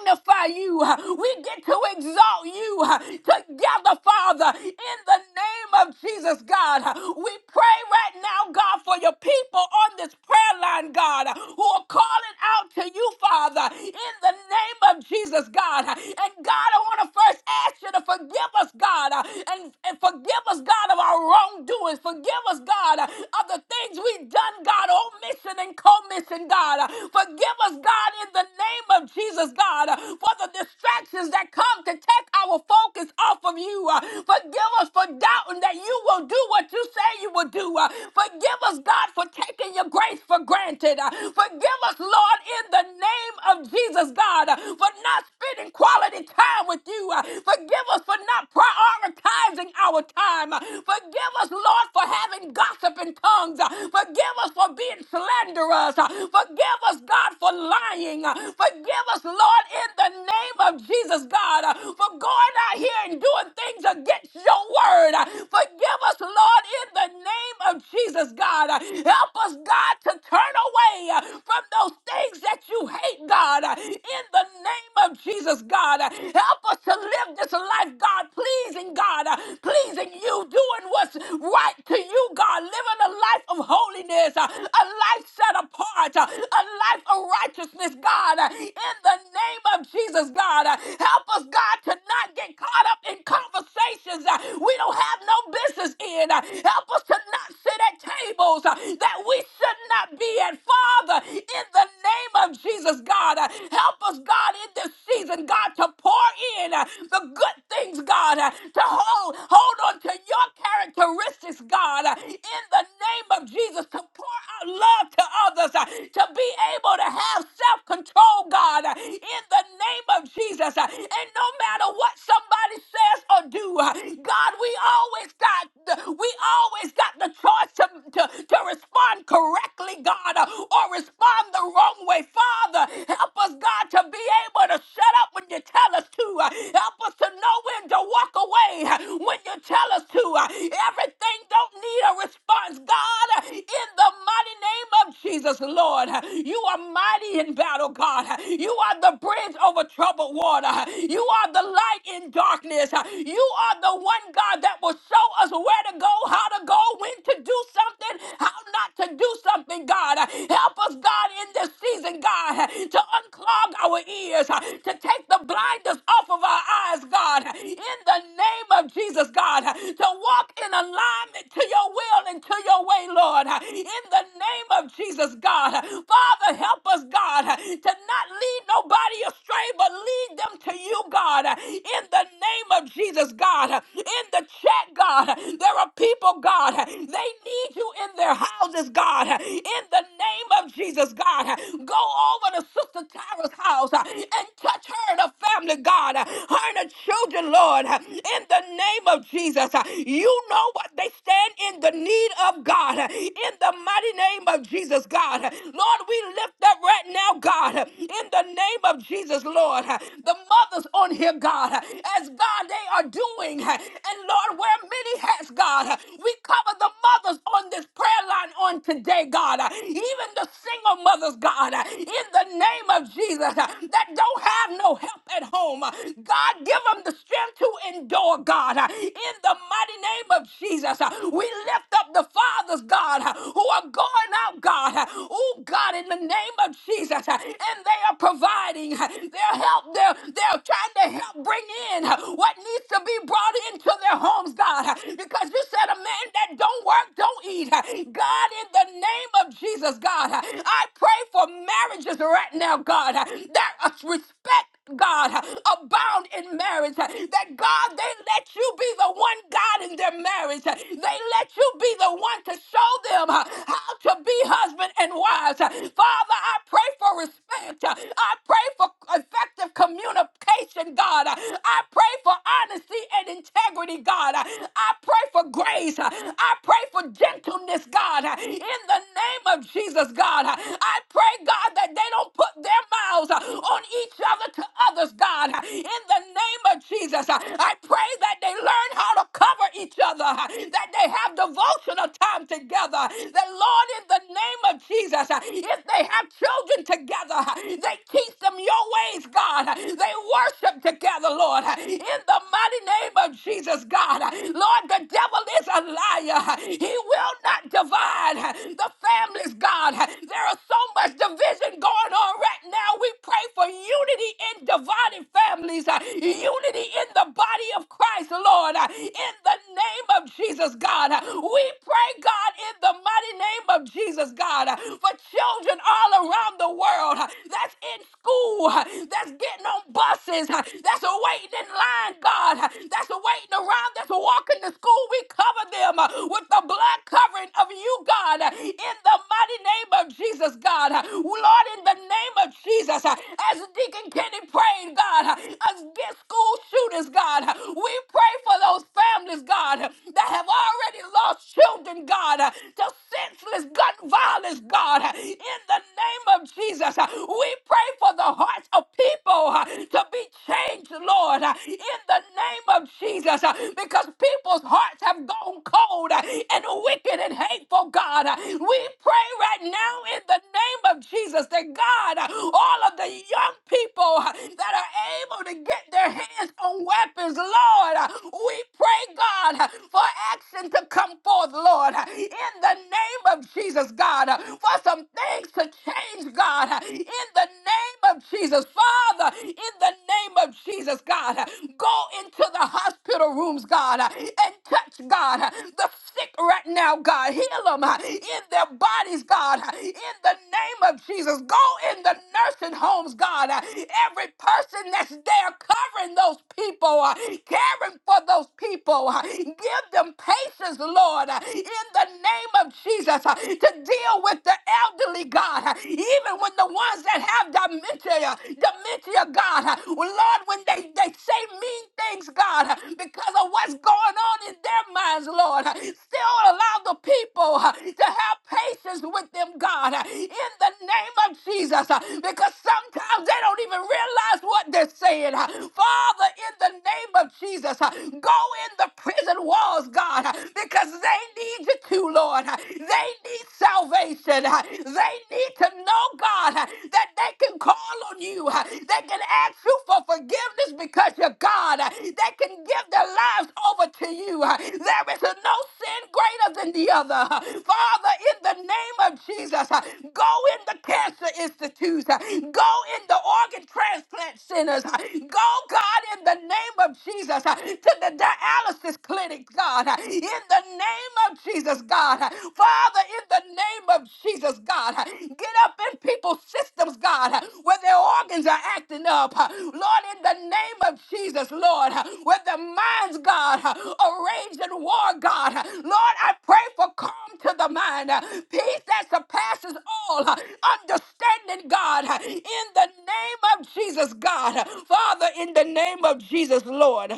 S2: magnify you. uh, We get to exalt you uh, together, Father, in the name of Jesus, God. Uh, We pray right now, God, for your people on this prayer line, God, uh, who are calling out to you, Father, in the name of Jesus, God. Uh, And God, I want to first ask you to forgive us, God, uh, and, and forgive us, God, of our wrongdoings. Forgive us, God, uh, of the things we've done, God, omission and commission position, God. Uh, Forgive us, God, in the name of Jesus, God, uh, for the distractions that come to take our focus off of you. Uh, Forgive us for doubting that you will do what you say you will do. Uh, Forgive us, God, for taking your grace for granted. Uh, Forgive us, Lord, in the name of Jesus, God, uh, for not spending quality time with you. Uh, Forgive us for not prioritizing our time. Uh, Forgive us, Lord, for having gossiping tongues. Uh, Forgive us for being slanderous murderers. Uh, Forgive us, God, for lying. Uh, Forgive us, Lord, in the name of Jesus, God, uh, for going out here and doing things against your word. Uh, Forgive us, Lord, in the name of Jesus, God. Uh, Help us, God, to turn away uh, from those things that you hate, God, uh, in the name of Jesus, God. Uh, Help us to live this life, God, pleasing God, uh, pleasing you, doing what's right to you, God, living a life of holiness, uh, a life life set apart, uh, a life of righteousness, God, uh, in the name of Jesus, God. Uh, Help us, God, to not get caught up in conversations uh, we don't have no business in. Uh, Help us to not sit at tables uh, that we should not be at, Father, in the name of Jesus, God. Uh, Help us, God, in this season, God, to pour in uh, the good things, God, uh, to hold, hold on to your characteristics, God, uh, in the name of Jesus, to pour out love to others, uh, to be able to have self control, God, uh, in the name of Jesus. uh, And no matter what somebody says or do, uh, God, we always got the- we always got the choice to, to, to respond correctly, God, uh, or respond the wrong way. Father, help us, God, to be able to shut up when you tell us to. uh, Help us to know when to walk away uh, when you tell us to. uh, Everything don't need a response, God, uh, in the the mighty name of Jesus, Lord. You are mighty in battle, God. You are the bridge over troubled water. You are the light in darkness. You are the one, God, that will show us where to go, how to go, when to do something, how not to do something, God. Help us, God, in this season, God, to unclog our ears, to take the blinders off of our eyes, God, in the name of Jesus, God, to walk in alignment to your will and to your way, Lord. God. In the name of Jesus, God. Father, help us, God, to not lead nobody astray, but lead them to you, God. In the name of Jesus, God. In the chat, God, there are people, God, they need you in their houses, God. In the name of Jesus, God. Go over to Sister Tyra's house and touch her and her family, God. Her and her children, Lord. In the name of Jesus, you know what they stand in the need of, God. God, in the mighty name of Jesus, God. Lord, we lift up right now, God, in the name of Jesus, Lord. The mothers on here, God, as God, they are doing, and Lord, wear many hats, God. We cover the mothers on this prayer line on today, God, even the single mothers, God, in the name of Jesus, that don't have no help at home. God, give them the strength to endure that door, God. Uh, In the mighty name of Jesus, uh, we lift up the fathers, God, uh, who are going out, God. Uh, Oh, God, in the name of Jesus, uh, and they are providing uh, their help. They're, they're trying to help bring in uh, what needs to be brought into their homes, God, uh, because you said a man that don't work, don't eat. Uh, God, in the name of Jesus, God, uh, I pray for marriages right now, God, uh, that uh, respect God, abound in marriage. That God, they let you be the one God in their marriage. They let you be the one to show them how to be husband and wives. Father, I pray for respect. I pray for effective communication, God. I pray for honesty and integrity, God. I pray for grace. I pray for gentleness, God. In the name of Jesus, God, I pray, God. God, that they don't put their mouths uh, on each other to others, God. Uh, In the name of Jesus, uh, I pray that they learn how to cover each other, uh, that they have devotional time together. That, Lord, in the name of Jesus, uh, if they have children together, uh, they teach them your ways, God. Uh, They worship together, Lord. Uh, In the mighty name of Jesus, God. Uh, Lord, the devil is a liar. He will not divide the families, God. There are so much division going on right now. We pray for unity in divided families, uh, unity in the body of Christ, Lord. Uh, In the name of Jesus, God. Uh, We pray, God, in the mighty name of Jesus, God, uh, for children all around the world uh, that's in school, uh, that's getting on buses, uh, that's waiting in line, God, uh, that's waiting around, that's walking to school. We cover cover them uh, with the blood covering of you, God, uh, in the mighty name of Jesus, God. Uh, Lord, in the name of Jesus, uh, as Deacon Kenny prayed, God, uh, against school shooters, God, uh, we pray for those families, God, uh, that have already lost children, God, uh, to senseless gun violence, God, uh, in the name of Jesus. uh, We pray for the hearts of people uh, to be changed, Lord, uh, in the name name of Jesus uh, because people's hearts have gone cold uh, and wicked and hateful, God. Uh, We pray right now in the name of Jesus that God, uh, all of the young people uh, that are able to get their hands on weapons, Lord, uh, we pray, God, uh, for action to come forth, Lord, uh, in the name of Jesus, God, uh, for some things to change, God, uh, in the name of Jesus, Father in the name of Jesus, God. Go into the hospital rooms, God, and touch, God, the sick right now, God. Heal them in their bodies, God, in the name of Jesus. Go in the nursing homes, God. Every person that's there covering those people, uh, caring for those people, uh, give them patience, Lord, uh, in the name of Jesus, uh, to deal with the elderly, God, uh, even with the ones that have dementia, dementia, God. Lord, when they, they say mean things, God, because of what's going on in their minds, Lord, still allow the people to have patience with them, God, in the name of Jesus, because sometimes they don't even realize what they're saying. Father, in the name of Jesus, go in the prison walls, God, because they need you too, Lord. They need need salvation. Uh, They need to know, God, uh, that they can call on you. Uh, They can ask you for forgiveness because you're God. Uh, They can give their lives over to you. Uh, There is no sin greater than the other. Uh, Father, in the name of Jesus, uh, go in the cancer institutes, Uh, go in the organ transplant centers, Uh, go, God, in the name of Jesus, uh, to the dialysis clinic, God, uh, in in the name of Jesus, God. Father, in the name of Jesus, God. Get up in people's systems, God, where their organs are acting up. Lord, in the name of Jesus, Lord, where their minds, God, are rage and war, God. Lord, I pray for calm to the mind, peace that surpasses all understanding, God. In the name of Jesus, God. Father, in the name of Jesus, Lord.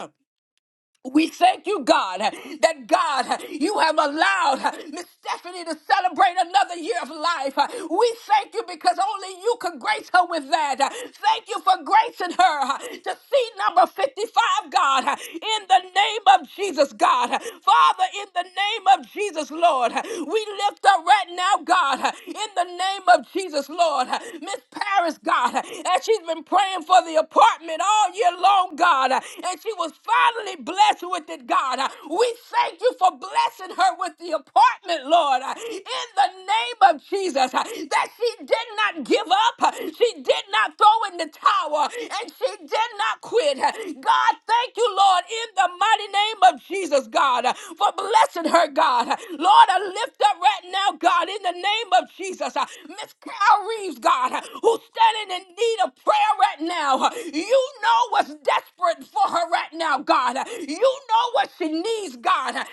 S2: We thank you, God, that God, you have allowed Miss Stephanie to celebrate another year of life. We thank you because only you could grace her with that. Thank you for gracing her to see number 55, God, in the name of Jesus, God. Father, in the name of Jesus, Lord, we lift up right now, God, in the name of Jesus, Lord. Miss Paris, God, as she's been praying for the apartment all year long, God. God. And she was finally blessed with it, God. We thank you for blessing her with the apartment, Lord, in the name of Jesus. That she did not give up, she did not throw in the towel, and she did not quit. God, thank you, Lord, in the mighty name of Jesus, God, for blessing her, God. Lord, I lift up right now, God, in the name of Jesus, Miss Carol Reeves, God, who's standing in need of prayer right now. You know what's desperate for her right now, God. You know what she needs, God. God,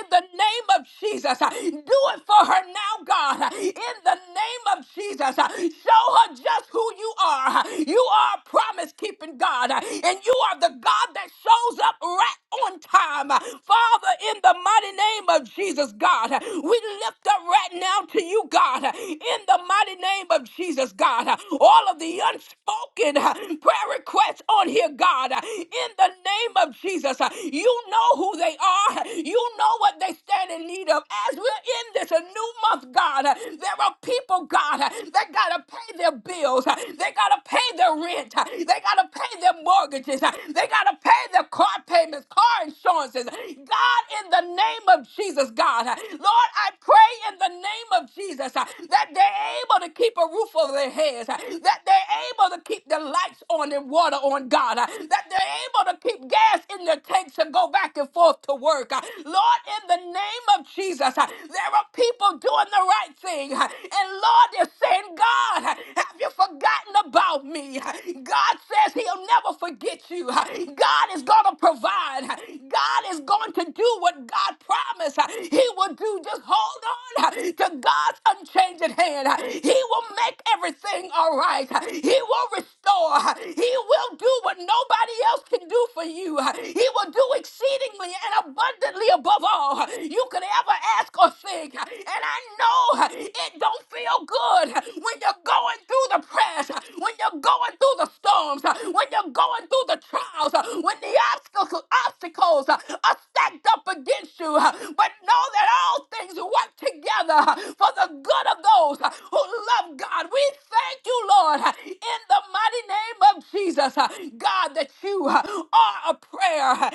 S2: in the name of Jesus, do it for her now, God. In the name of Jesus, show her just who you are. You are a promise keeping God, and you are the God that shows up right on time. Father, in the mighty name of Jesus, God, we lift up right now to you, God, in the mighty name of Jesus, God all of the unspoken uh, prayer requests on here, God. Uh, In the name of Jesus, uh, you know who they are. You know what they stand in need of. As we're in this uh, new month, God, uh, there are people, God, uh, that got to pay their bills. Uh, They got to pay their rent. Uh, They got to pay their mortgages. Uh, They got to pay their car payments, car insurances. God, in the name of Jesus, God, uh, Lord, I pray in the name of Jesus uh, that they're able to keep a roof over their heads, uh, that they're able to keep the lights on and water on, God, uh, that they're able to keep gas in their tanks and go back and forth to work. uh. Lord, in the name of Jesus, uh, there are people doing the right thing. uh, And Lord, they're saying, God, uh, have you forgotten about me? Uh, God says he'll never forget you. Uh, God is going to provide. Uh, God is going to do what God promised uh, he will do. Just hold on uh, to of God's unchanging hand. He will make everything all right. He will restore. He will do what nobody else can do for you. He will do exceedingly and abundantly above all you could ever ask or think. And I know it don't feel good when you're going through the press, when you're going through the storms, when you're going through the trials, when the obstacles obstacles are stacked up against you. But know that all things work together for the good of those who love God. We thank you, Lord, in the mighty name of Jesus, God, that you are a prayer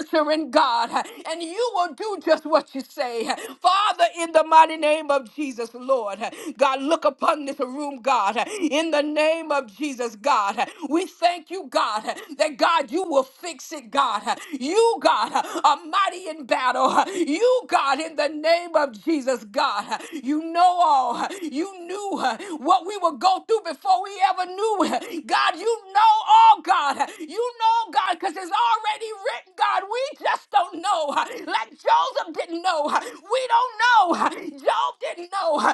S2: answering God, and you will do just what you say. Father, Father, in the mighty name of Jesus, Lord, God, look upon this room, God, in the name of Jesus, God. We thank you, God, that God, you will fix it, God. You, God, are mighty in battle. You, God, in the name of Jesus, God, you know all. You knew what we would go through before we ever knew. God, you know all, God. You know, God, because it's already written, God. God, we just don't know. Like Joseph didn't know. We don't know. Job didn't know. We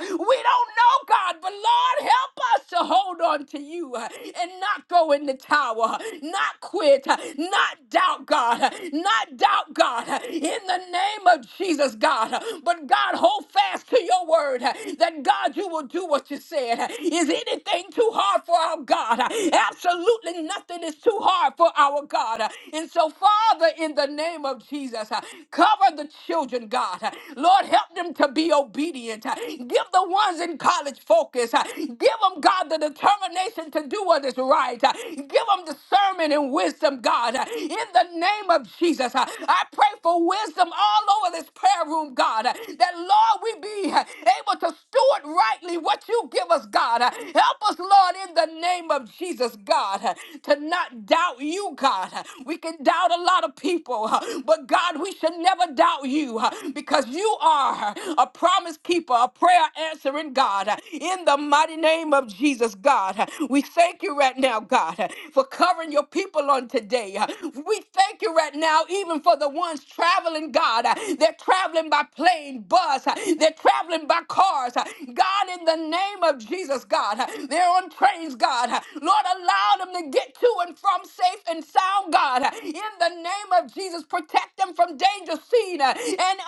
S2: don't know, God, but Lord, help us to hold on to you and not go in the tower, not quit, not doubt, God, not doubt, God, in the name of Jesus, God. But God, hold fast to your word that God, you will do what you said. Is anything too hard for our God? Absolutely. Absolutely nothing is too hard for our God. And so, Father, in the name of Jesus, uh, cover the children, God. Lord, help them to be obedient. Give the ones in college focus. Give them, God, the determination to do what is right. Give them discernment and wisdom, God. In the name of Jesus, uh, I pray for wisdom all over this prayer room, God, that, Lord, we be able to steward rightly rightly what you give us, God. uh, Help us, Lord, in the name of Jesus, God, uh, to not doubt you, God. We can doubt a lot of people, uh, but God, we should never doubt you uh, because you are a promise keeper, a prayer answering God. uh, In the mighty name of Jesus, God, we thank you right now, God, uh, for covering your people on today. Uh, We thank you right now, even for the ones traveling, God. They're traveling by plane, bus, they're traveling by cars. God, in the name of Jesus, God, they're on trains, God. Lord, allow them to get to and from safe and sound, God. In the name of Jesus, protect them from danger seen and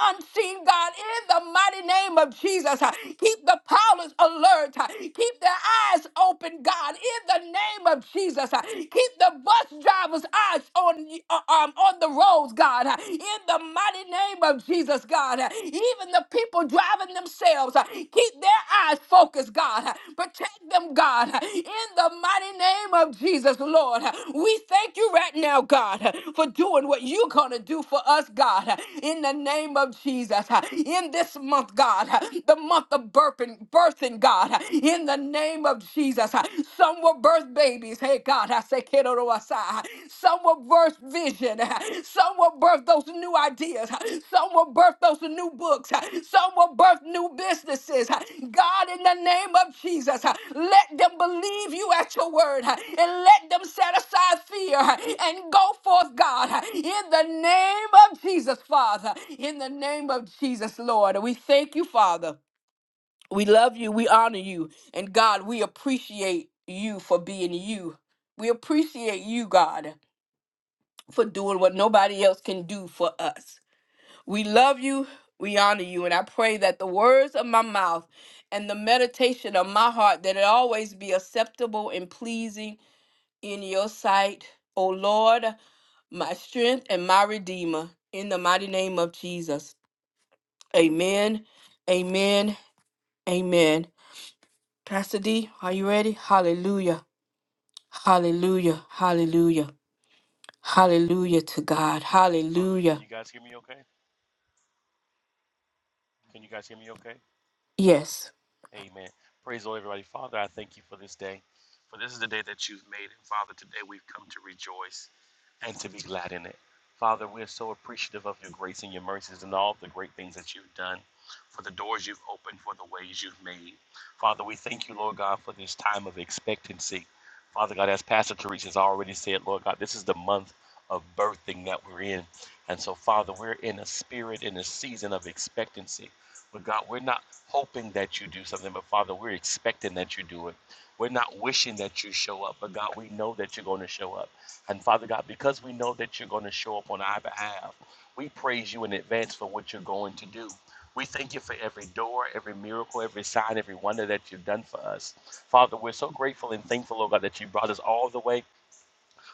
S2: unseen, God. In the mighty name of Jesus, keep the powers alert, keep their eyes open, God. In the name of Jesus, keep the bus drivers' eyes on uh, um, on the roads, God, uh, in the mighty name of Jesus, God. Uh, Even the people driving themselves, uh, keep their eyes focused, God. Uh, Protect them, God, uh, in the mighty name of Jesus, Lord. Uh, We thank you right now, God, uh, for doing what you're going to do for us, God, uh, in the name of Jesus. Uh, In this month, God, uh, the month of burping, birthing, God, uh, in the name of Jesus. Some were birth babies. Hey, God, I say, "Kedorowasa." some were birth vision. Some were birth those new ideas. Some were birth those new books. Some were birth new businesses. God, in the name of Jesus, let them believe you at your word and let them set aside fear and go forth, God, in the name of Jesus, Father. In the name of Jesus, Lord. We thank you, Father. We love you. We honor you. And God, we appreciate you for being you. We appreciate you, God, for doing what nobody else can do for us. We love you. We honor you. And I pray that the words of my mouth and the meditation of my heart that it always be acceptable and pleasing in your sight, O Lord, my strength and my redeemer. In the mighty name of Jesus. Amen. Amen. Amen. Pastor D, are you ready? Hallelujah. Hallelujah. Hallelujah. Hallelujah to God.
S4: Hallelujah. Can
S2: Hallelujah.
S4: you guys hear me okay? Can you guys hear me okay?
S2: Yes.
S4: Amen. Praise the Lord, everybody. Father, I thank you for this day. For this is the day that you've made. And Father, today we've come to rejoice. and to be glad in it. Father, we are so appreciative of your grace and your mercies and all the great things that you've done, for the doors you've opened, for the ways you've made. Father, we thank you, Lord God, for this time of expectancy. Father God, as Pastor Teresa has already said, Lord God, this is the month of birthing that we're in. And so, Father, we're in a spirit, in a season of expectancy. But God, we're not hoping that you do something, but Father, we're expecting that you do it. We're not wishing that you show up, but God, we know that you're going to show up. And Father God, because we know that you're going to show up on our behalf, we praise you in advance for what you're going to do. We thank you for every door, every miracle, every sign, every wonder that you've done for us. Father, we're so grateful and thankful, Lord God, that you brought us all the way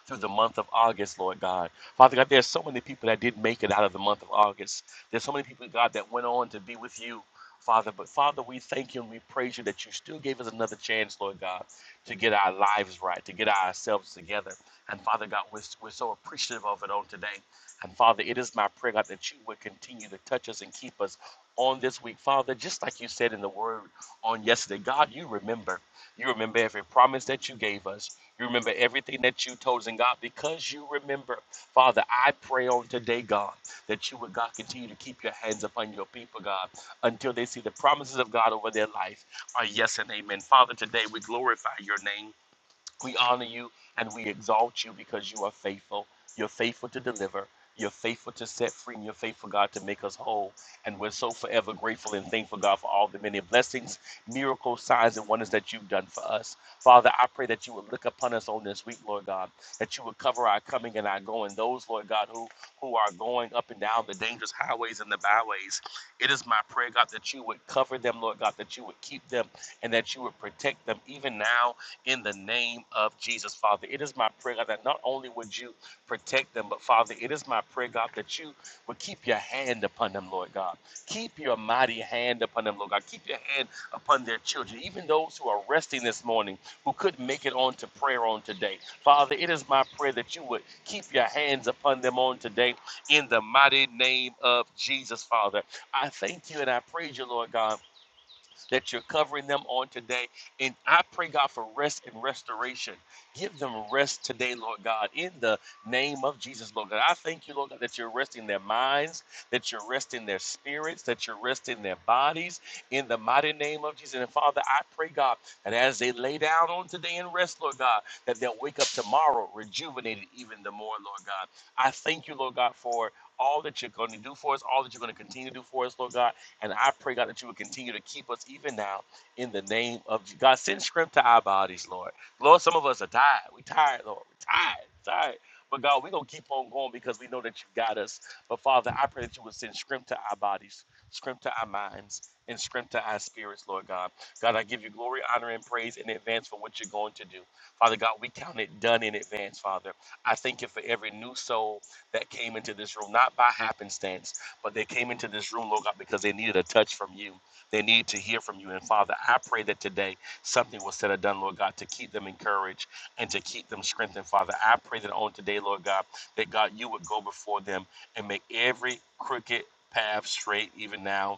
S4: through the month of August, Lord God. Father God, there's so many people that didn't make it out of the month of August. There's so many people, God, that went on to be with you, Father. But Father, we thank you and we praise you that you still gave us another chance, Lord God, to get our lives right, to get ourselves together. And Father God, we're, we're so appreciative of it on today. And Father, it is my prayer, God, that you would continue to touch us and keep us on this week, Father, just like you said in the word on yesterday. God, you remember. You remember every promise that you gave us. You remember everything that you told us in God because you remember. Father, I pray on today, God, that you would, God, continue to keep your hands upon your people, God, until they see the promises of God over their life. Are yes and amen. Father, today we glorify your name. We honor you and we exalt you because you are faithful. You're faithful to deliver. You're faithful to set free and you're faithful, God, to make us whole. And we're so forever grateful and thankful, God, for all the many blessings, miracles, signs, and wonders that you've done for us. Father, I pray that you would look upon us on this week, Lord God, that you would cover our coming and our going. Those, Lord God, who, who are going up and down the dangerous highways and the byways, it is my prayer, God, that you would cover them, Lord God, that you would keep them and that you would protect them even now in the name of Jesus, Father. It is my prayer, God, that not only would you protect them, but Father, it is my prayer, God, that you would keep your hand upon them, Lord God. Keep your mighty hand upon them, Lord God. Keep your hand upon their children, even those who are resting this morning who couldn't make it on to prayer on today. Father, it is my prayer that you would keep your hands upon them on today in the mighty name of Jesus, Father. I thank you and I praise you, Lord God that you're covering them on today. And I pray, God, for rest and restoration. Give them rest today, Lord God, in the name of Jesus, Lord God. I thank you, Lord God, that you're resting their minds, that you're resting their spirits, that you're resting their bodies in the mighty name of Jesus. And Father, I pray, God, that as they lay down on today and rest, Lord God, that they'll wake up tomorrow rejuvenated even the more, Lord God. I thank you, Lord God, for all that you're going to do for us, all that you're going to continue to do for us, Lord God. And I pray, God, that you would continue to keep us even now in the name of Je- God. Send strength to our bodies, Lord. Lord, some of us are tired. We're tired, Lord. We're tired, tired. But God, we're going to keep on going because we know that you got us. But Father, I pray that you would send strength to our bodies, strength to our minds, and strength to our spirits, Lord God. God, I give you glory, honor, and praise in advance for what you're going to do. Father God, we count it done in advance, Father. I thank you for every new soul that came into this room, not by happenstance. But they came into this room, Lord God, because they needed a touch from you. They need to hear from you. And Father, I pray that today something was said or done, Lord God, to keep them encouraged and to keep them strengthened, Father. I pray that on today, Lord God, that God, you would go before them and make every crooked path straight even now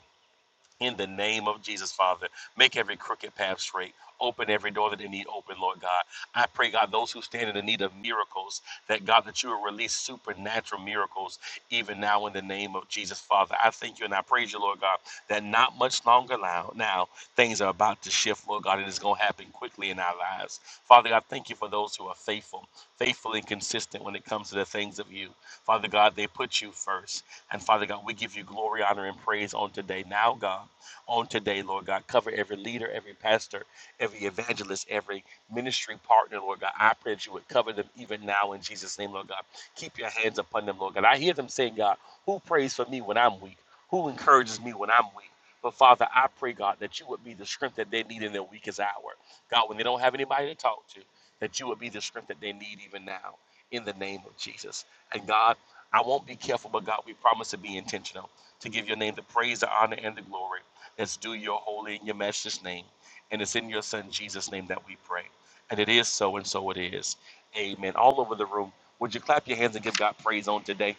S4: in the name of Jesus, Father. Make every crooked path straight. Open every door that they need open, Lord God. I pray, God, those who stand in the need of miracles, that God, that you will release supernatural miracles even now in the name of Jesus, Father. I thank you and I praise you, Lord God, that not much longer now, now things are about to shift, Lord God, and it's going to happen quickly in our lives. Father, I thank you for those who are faithful, faithful and consistent when it comes to the things of you. Father God, they put you first. And Father God, we give you glory, honor, and praise on today. Now, God on today, Lord God. Cover every leader, every pastor, every evangelist, every ministry partner, Lord God. I pray that you would cover them even now in Jesus' name, Lord God. Keep your hands upon them, Lord God. I hear them saying, God, who prays for me when I'm weak? Who encourages me when I'm weak? But Father, I pray, God, that you would be the strength that they need in their weakest hour. God, when they don't have anybody to talk to, that you would be the strength that they need even now in the name of Jesus. And God, I won't be careful, but God, we promise to be intentional, to give your name the praise, the honor, and the glory. It's due your holy and your matchless name. And it's in your son Jesus' name that we pray. And it is so, and so it is. Amen. All over the room, would you clap your hands and give God praise on today?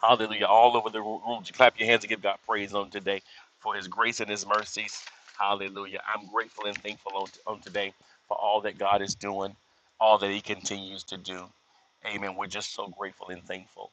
S4: Hallelujah. All over the room. Would you clap your hands and give God praise on today for his grace and his mercies? Hallelujah. I'm grateful and thankful on, on today for all that God is doing, all that he continues to do. Amen. We're just so grateful and thankful.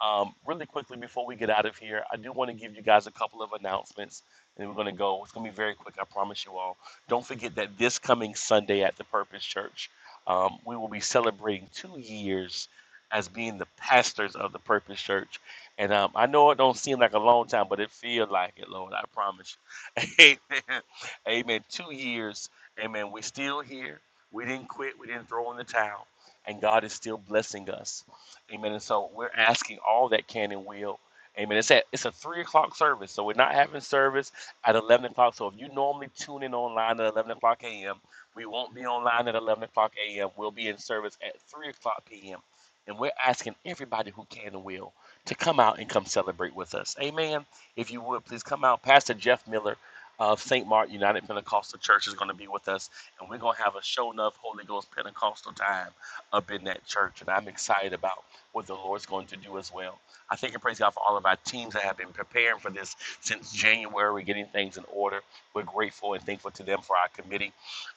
S4: Um, really quickly before we get out of here, I do want to give you guys a couple of announcements and we're going to go. It's going to be very quick, I promise you all. Don't forget that this coming Sunday at the Purpose Church, um, we will be celebrating two years as being the pastors of the Purpose Church. And um, I know it don't seem like a long time, but it feels like it, Lord. I promise you. Amen. Amen. Two years. Amen. We're still here. We didn't quit. We didn't throw in the towel. And God is still blessing us. Amen. And so we're asking all that can and will. Amen. It's at it's a three o'clock service, so we're not having service at eleven o'clock. So if you normally tune in online at eleven o'clock a.m., we won't be online at eleven o'clock a.m. We'll be in service at three o'clock p.m. And we're asking everybody who can and will to come out and come celebrate with us. Amen. If you would, please come out. Pastor Jeff Miller of St. Mark United Pentecostal Church is going to be with us, and we're going to have a show enough Holy Ghost Pentecostal time up in that church. And I'm excited about what the Lord's going to do as well. I thank and praise God for all of our teams that have been preparing for this since January. We're getting things in order. We're grateful and thankful to them for our committee.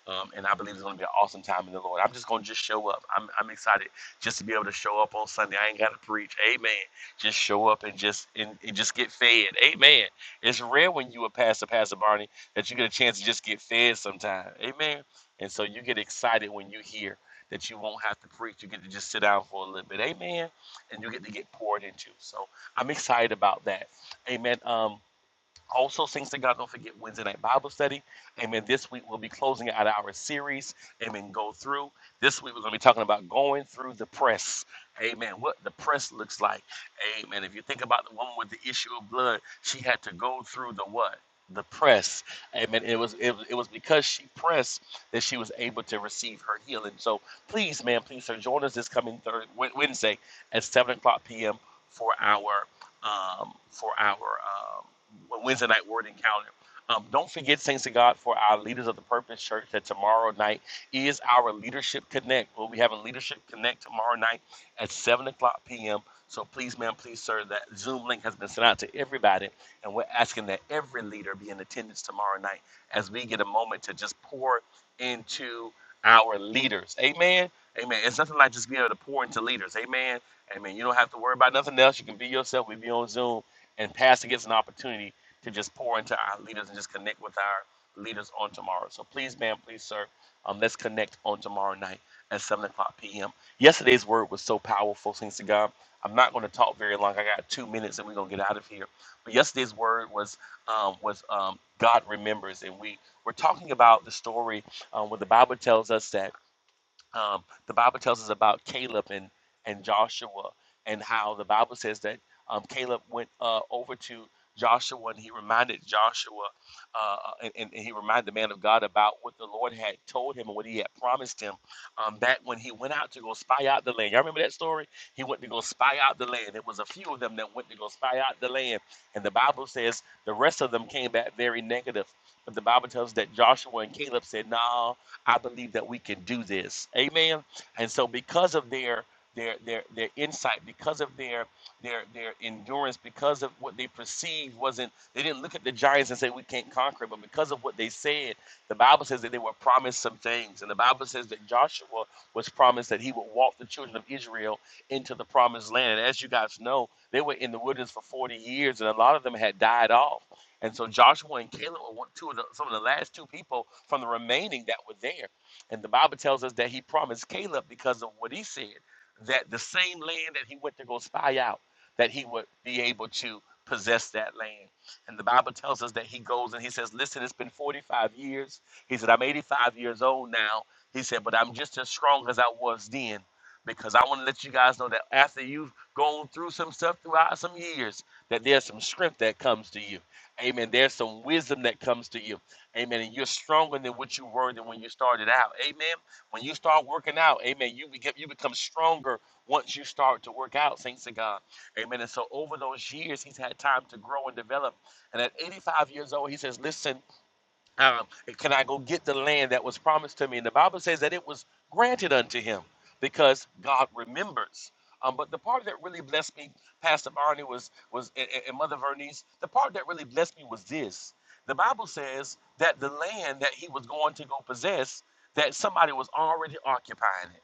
S4: Um, and I believe it's going to be an awesome time in the Lord. I'm just going to just show up. I'm, I'm excited just to be able to show up on Sunday. I ain't got to preach. Amen just show up and just and, and just get fed. Amen. It's rare when you a pastor, Pastor Barney, that you get a chance to just get fed sometime. Amen. And so you get excited when you hear that you won't have to preach. You get to just sit down for a little bit. Amen. And you get to get poured into. So I'm excited about that. Amen. Um, also, Saints to God, don't forget Wednesday night Bible study. Amen. This week we'll be closing out our series. Amen. Go through. This week we're going to be talking about going through the press. Amen. What the press looks like. Amen. If you think about the woman with the issue of blood, she had to go through the what? The press. Amen. It was it, was- it was because she pressed that she was able to receive her healing. So please, man, please, sir, join us this coming third, Wednesday at 7 o'clock p.m. for our um, for our um, Wednesday night word encounter. Um, don't forget, thanks to God, for our leaders of the Purpose Church that tomorrow night is our Leadership Connect. We'll be having Leadership Connect tomorrow night at 7 o'clock p.m. So please, ma'am, please, sir, that Zoom link has been sent out to everybody, and we're asking that every leader be in attendance tomorrow night as we get a moment to just pour into our leaders. Amen. Amen. It's nothing like just being able to pour into leaders. Amen. I mean, you don't have to worry about nothing else. You can be yourself. We be on Zoom, and Pastor gets an opportunity to just pour into our leaders and just connect with our leaders on tomorrow. So please, ma'am, please, sir, um, let's connect on tomorrow night at 7 o'clock p.m. Yesterday's word was so powerful, thanks to God. I'm not going to talk very long. I got two minutes, and we're going to get out of here. But yesterday's word was um, was um, God remembers, and we were talking about the story um, where the Bible tells us that um, the Bible tells us about Caleb and, and Joshua and how the Bible says that um, Caleb went uh, over to Joshua and he reminded Joshua uh, and, and he reminded the man of God about what the Lord had told him and what he had promised him um, back when he went out to go spy out the land. Y'all remember that story? He went to go spy out the land. It was a few of them that went to go spy out the land. And the Bible says the rest of them came back very negative. But the Bible tells us that Joshua and Caleb said, no, nah, I believe that we can do this. Amen. And so because of their their their their insight, because of their their their endurance, because of what they perceived wasn't they didn't look at the giants and say we can't conquer, it," but because of what they said, the Bible says that they were promised some things. And the Bible says that Joshua was promised that he would walk the children of Israel into the promised land. And as you guys know, they were in the wilderness for 40 years and a lot of them had died off. And so Joshua and Caleb were one, two of the, some of the last two people from the remaining that were there. And the Bible tells us that he promised Caleb because of what he said that the same land that he went to go spy out, that he would be able to possess that land. And the Bible tells us that he goes and he says, "Listen, it's been 45 years." He said, "I'm 85 years old now." He said, "But I'm just as strong as I was then." Because I want to let you guys know that after you've gone through some stuff throughout some years, that there's some strength that comes to you Amen. There's some wisdom that comes to you. Amen. And you're stronger than what you were than when you started out. Amen. When you start working out, amen, you become you become stronger once you start to work out, thanks to God. Amen. And so over those years, he's had time to grow and develop. And at 85 years old, he says, Listen, um, can I go get the land that was promised to me? And the Bible says that it was granted unto him because God remembers. Um, but the part that really blessed me, Pastor Barney was was and and Mother Vernice, the part that really blessed me was this. The Bible says that the land that he was going to go possess, that somebody was already occupying it.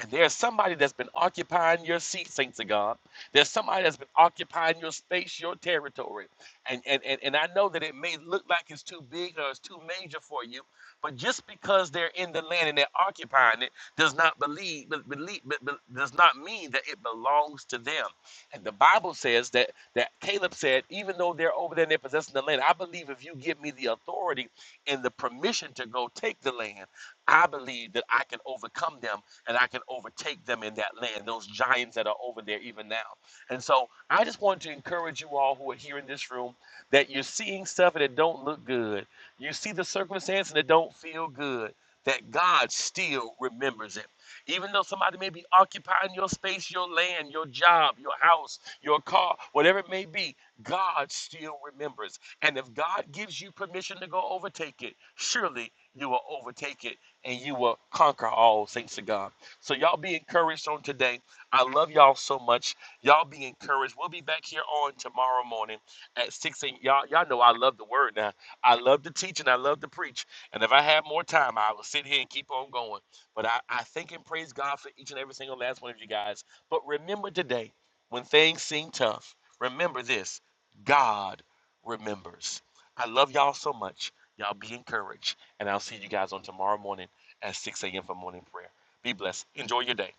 S4: And there's somebody that's been occupying your seat, saints of God. There's somebody that's been occupying your space, your territory. And, and, and, and I know that it may look like it's too big or it's too major for you, but just because they're in the land and they're occupying it does not believe, be- believe be- be- does not mean that it belongs to them. And the Bible says that that Caleb said, even though they're over there and they're possessing the land, I believe if you give me the authority and the permission to go take the land, I believe that I can overcome them and I can overtake them in that land, those giants that are over there even now. And so I just want to encourage you all who are here in this room that you're seeing stuff and it don't look good. You see the circumstance and it don't feel good. That God still remembers it. Even though somebody may be occupying your space, your land, your job, your house, your car, whatever it may be, God still remembers. And if God gives you permission to go overtake it, surely you will overtake it and you will conquer all Thanks to God. So y'all be encouraged on today. I love y'all so much. Y'all be encouraged. We'll be back here on tomorrow morning at 6 a.m. Y'all, y'all know I love the word now. I love to teach and I love to preach. And if I had more time, I would sit here and keep on going. But I, I thank and praise God for each and every single last one of you guys. But remember today, when things seem tough, remember this God remembers. I love y'all so much. Y'all be encouraged. And I'll see you guys on tomorrow morning at 6 a.m. for morning prayer. Be blessed. Enjoy your day.